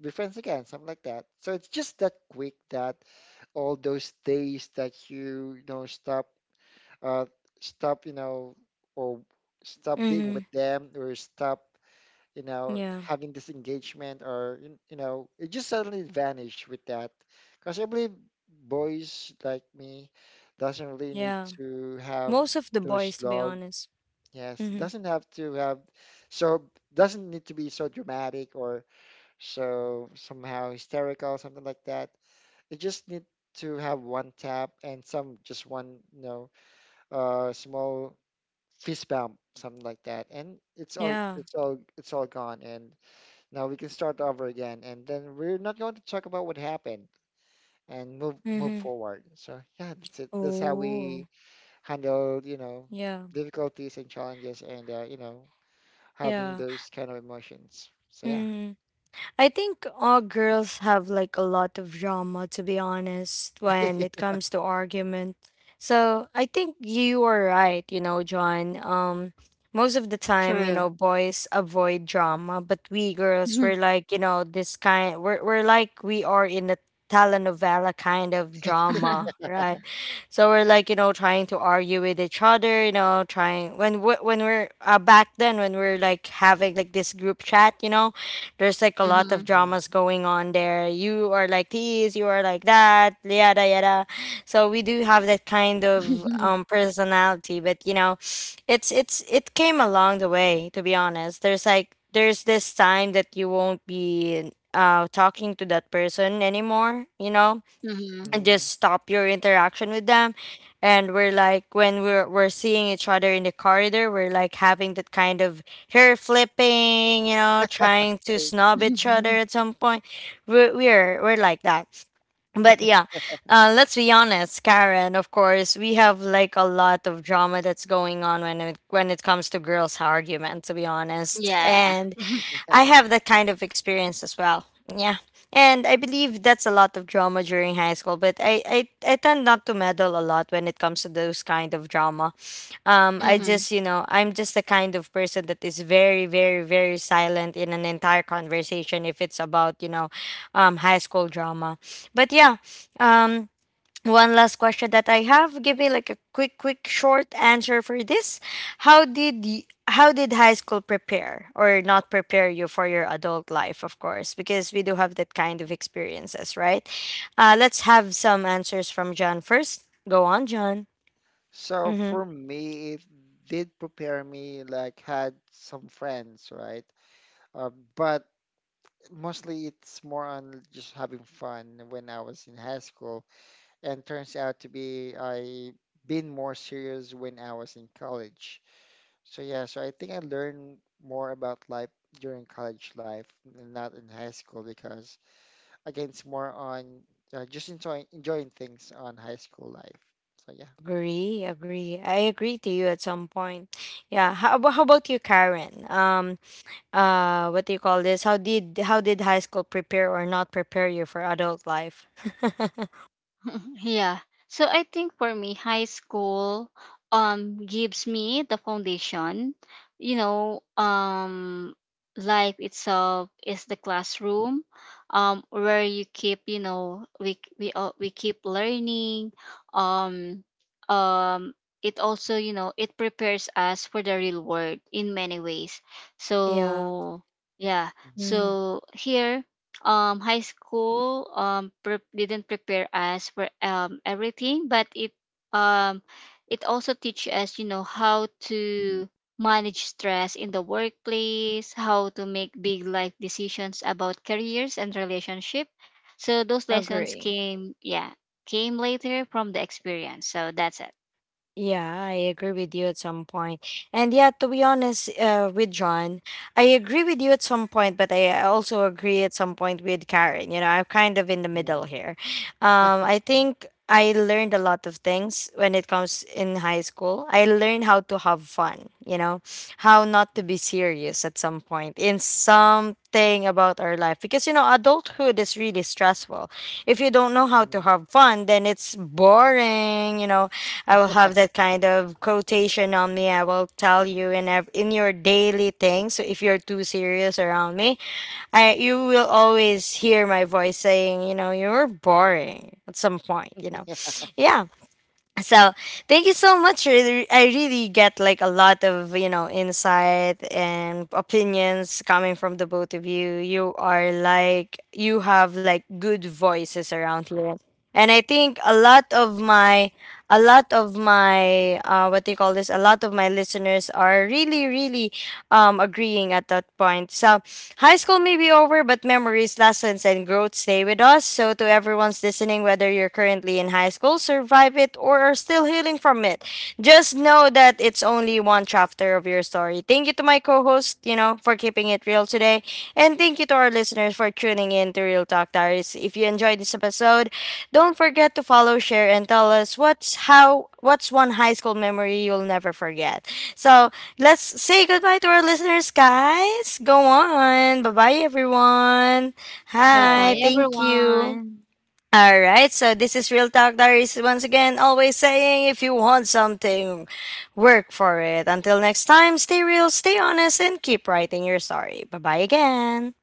[SPEAKER 2] be friends again, something like that. So it's just that quick that all those days that you, you know, stop, uh, stop, you know, or stop being
[SPEAKER 1] Mm-hmm.
[SPEAKER 2] with them or stop you know,
[SPEAKER 1] Yeah.
[SPEAKER 2] having this engagement or, you you know, it just suddenly vanished with that. Because I believe boys like me doesn't really need
[SPEAKER 1] Yeah.
[SPEAKER 2] to have
[SPEAKER 1] Most of the
[SPEAKER 2] those
[SPEAKER 1] boys, to be
[SPEAKER 2] log.
[SPEAKER 1] honest.
[SPEAKER 2] Yes,
[SPEAKER 1] Mm-hmm.
[SPEAKER 2] doesn't have to have, so doesn't need to be so dramatic or so somehow hysterical, something like that. It just need to have one tap and some just one, you know, uh, small fist bump, something like that, and it's all,
[SPEAKER 1] Yeah.
[SPEAKER 2] it's all, it's all gone. And now we can start over again, and then we're not going to talk about what happened and move move
[SPEAKER 1] Mm-hmm.
[SPEAKER 2] forward. So yeah, that's it. That's how
[SPEAKER 1] Oh.
[SPEAKER 2] we handle, you know,
[SPEAKER 1] Yeah.
[SPEAKER 2] difficulties and challenges, and uh, you know, having
[SPEAKER 1] Yeah.
[SPEAKER 2] those kind of emotions. So yeah.
[SPEAKER 1] Mm. I think all girls have like a lot of drama, to be honest, when it comes to argument. So I think you are right, you know, John. Um, most of the time, you
[SPEAKER 3] True.
[SPEAKER 1] know, boys avoid drama, but we girls, we're like, you know, this kind, we're, we're like, we are in a telenovela kind of drama, right? So we're like, you know, trying to argue with each other, you know, trying when we- when we're uh, back then when we're like having like this group chat, you know, there's like a lot of
[SPEAKER 3] Mm-hmm.
[SPEAKER 2] Mhm.
[SPEAKER 1] dramas going on there. You are like this, you are like that, yada yada. So we do have that kind of um personality, but you know, it's it's it came along the way, to be honest. There's like there's this time that you won't be uh talking to that person anymore, you know?
[SPEAKER 3] Mm-hmm.
[SPEAKER 1] And
[SPEAKER 2] Mhm.
[SPEAKER 1] just stop your interaction with them. And we're like, when we're we're seeing each other in the corridor, we're like having that kind of hair flipping, you know, trying to
[SPEAKER 2] Like,
[SPEAKER 1] snub each other at some point. We're we're, we're like that, but yeah, uh, let's be honest, Karen, of course we have like a lot of drama that's going on when it when it comes to girls argument, to be honest,
[SPEAKER 3] Yeah.
[SPEAKER 1] and I have that kind of experience as well. Yeah. And I believe that's a lot of drama during high school, but I, I, I tend not to meddle a lot when it comes to those kind of drama. Um, I
[SPEAKER 3] Mm-hmm.
[SPEAKER 1] just, you know, I'm just the kind of person that is very, very, very silent in an entire conversation if it's about, you know, um, high school drama. But yeah, um, one last question that I have. Give me like a quick, quick, short answer for this. How did y- how did high school prepare or not prepare you for your adult life? Of course, because we do have that kind of experiences, right? Uh, let's have some answers from John first. Go on, John.
[SPEAKER 2] so
[SPEAKER 1] Mm-hmm.
[SPEAKER 2] for me, it did prepare me, like had some friends, right? Uh, but mostly it's more on just having fun when I was in high school. And turns out to be I been more serious when I was in college. So yeah, so I think I learned more about life during college life, and not in high school because again, it's more on uh, just enjoying enjoying things on high school life. So yeah.
[SPEAKER 1] Agree, agree. I agree to you at some point. Yeah. How, about how about you, Karen? Um. Uh. What do you call this? How did how did high school prepare or not prepare you for adult life?
[SPEAKER 3] Yeah. So I think for me, high school um gives me the foundation. You know, um life itself is the classroom um where you keep, you know, we we uh, we keep learning. um um it also, you know, it prepares us for the real world in many ways.
[SPEAKER 1] Yeah.
[SPEAKER 3] So yeah,
[SPEAKER 2] Mhm.
[SPEAKER 1] Hmm.
[SPEAKER 3] so here, um high school, um pre- didn't prepare us for um everything, but it um it also teach us, you know, how to manage stress in the workplace, how to make big life decisions about careers and relationship. So those lessons
[SPEAKER 1] Agree.
[SPEAKER 3] came, yeah, came later from the experience. So that's it.
[SPEAKER 1] Yeah, I agree with you at some point. And yeah, to be honest, uh, with John, I agree with you at some point, but I also agree at some point with Karen. You know, I'm kind of in the middle
[SPEAKER 2] Mhm.
[SPEAKER 1] here. Um, I
[SPEAKER 2] Mhm.
[SPEAKER 1] think I learned a lot of things when it comes in high school. I learned how to have fun, you know, how not to be serious at some point in something about our life, because you know adulthood is really stressful. If you don't know how to
[SPEAKER 2] Mhm.
[SPEAKER 1] have fun, then it's boring, you know. I will have that kind of quotation on me. I will tell you in ev- in your daily things. So if you're too serious around me, I you will always hear my voice saying, you know, you're boring at some point, you know. Yeah. So thank you so much i I really get like a lot of, you know, insight and opinions coming from the both of you. You are like, you have like good voices around here. And I think a lot of my a lot of my uh what do you call this, a lot of my listeners are really really um, agreeing at that point. So, high school may be over, but memories, lessons, and growth stay with us. So, to everyone's listening, whether you're currently in high school, survive it, or are still healing from it, just know that it's only one chapter of your story. Thank you to my co host, you know, for keeping it real today. And thank you to our listeners for tuning in to Real Talk Diaries. If you enjoyed this episode, don't forget to follow, share, and tell us what's how what's one high school memory you'll never forget. So let's say goodbye to our listeners, guys. Go on. Bye bye, everyone. Hi.
[SPEAKER 3] Goodbye
[SPEAKER 1] Thank
[SPEAKER 2] Bye.
[SPEAKER 1] you.
[SPEAKER 3] everyone.
[SPEAKER 1] All right. So, this is Real Talk Diaries once again, always saying, if you want something, work for it. Until next time, stay real, stay honest, and keep writing your story. Bye bye again.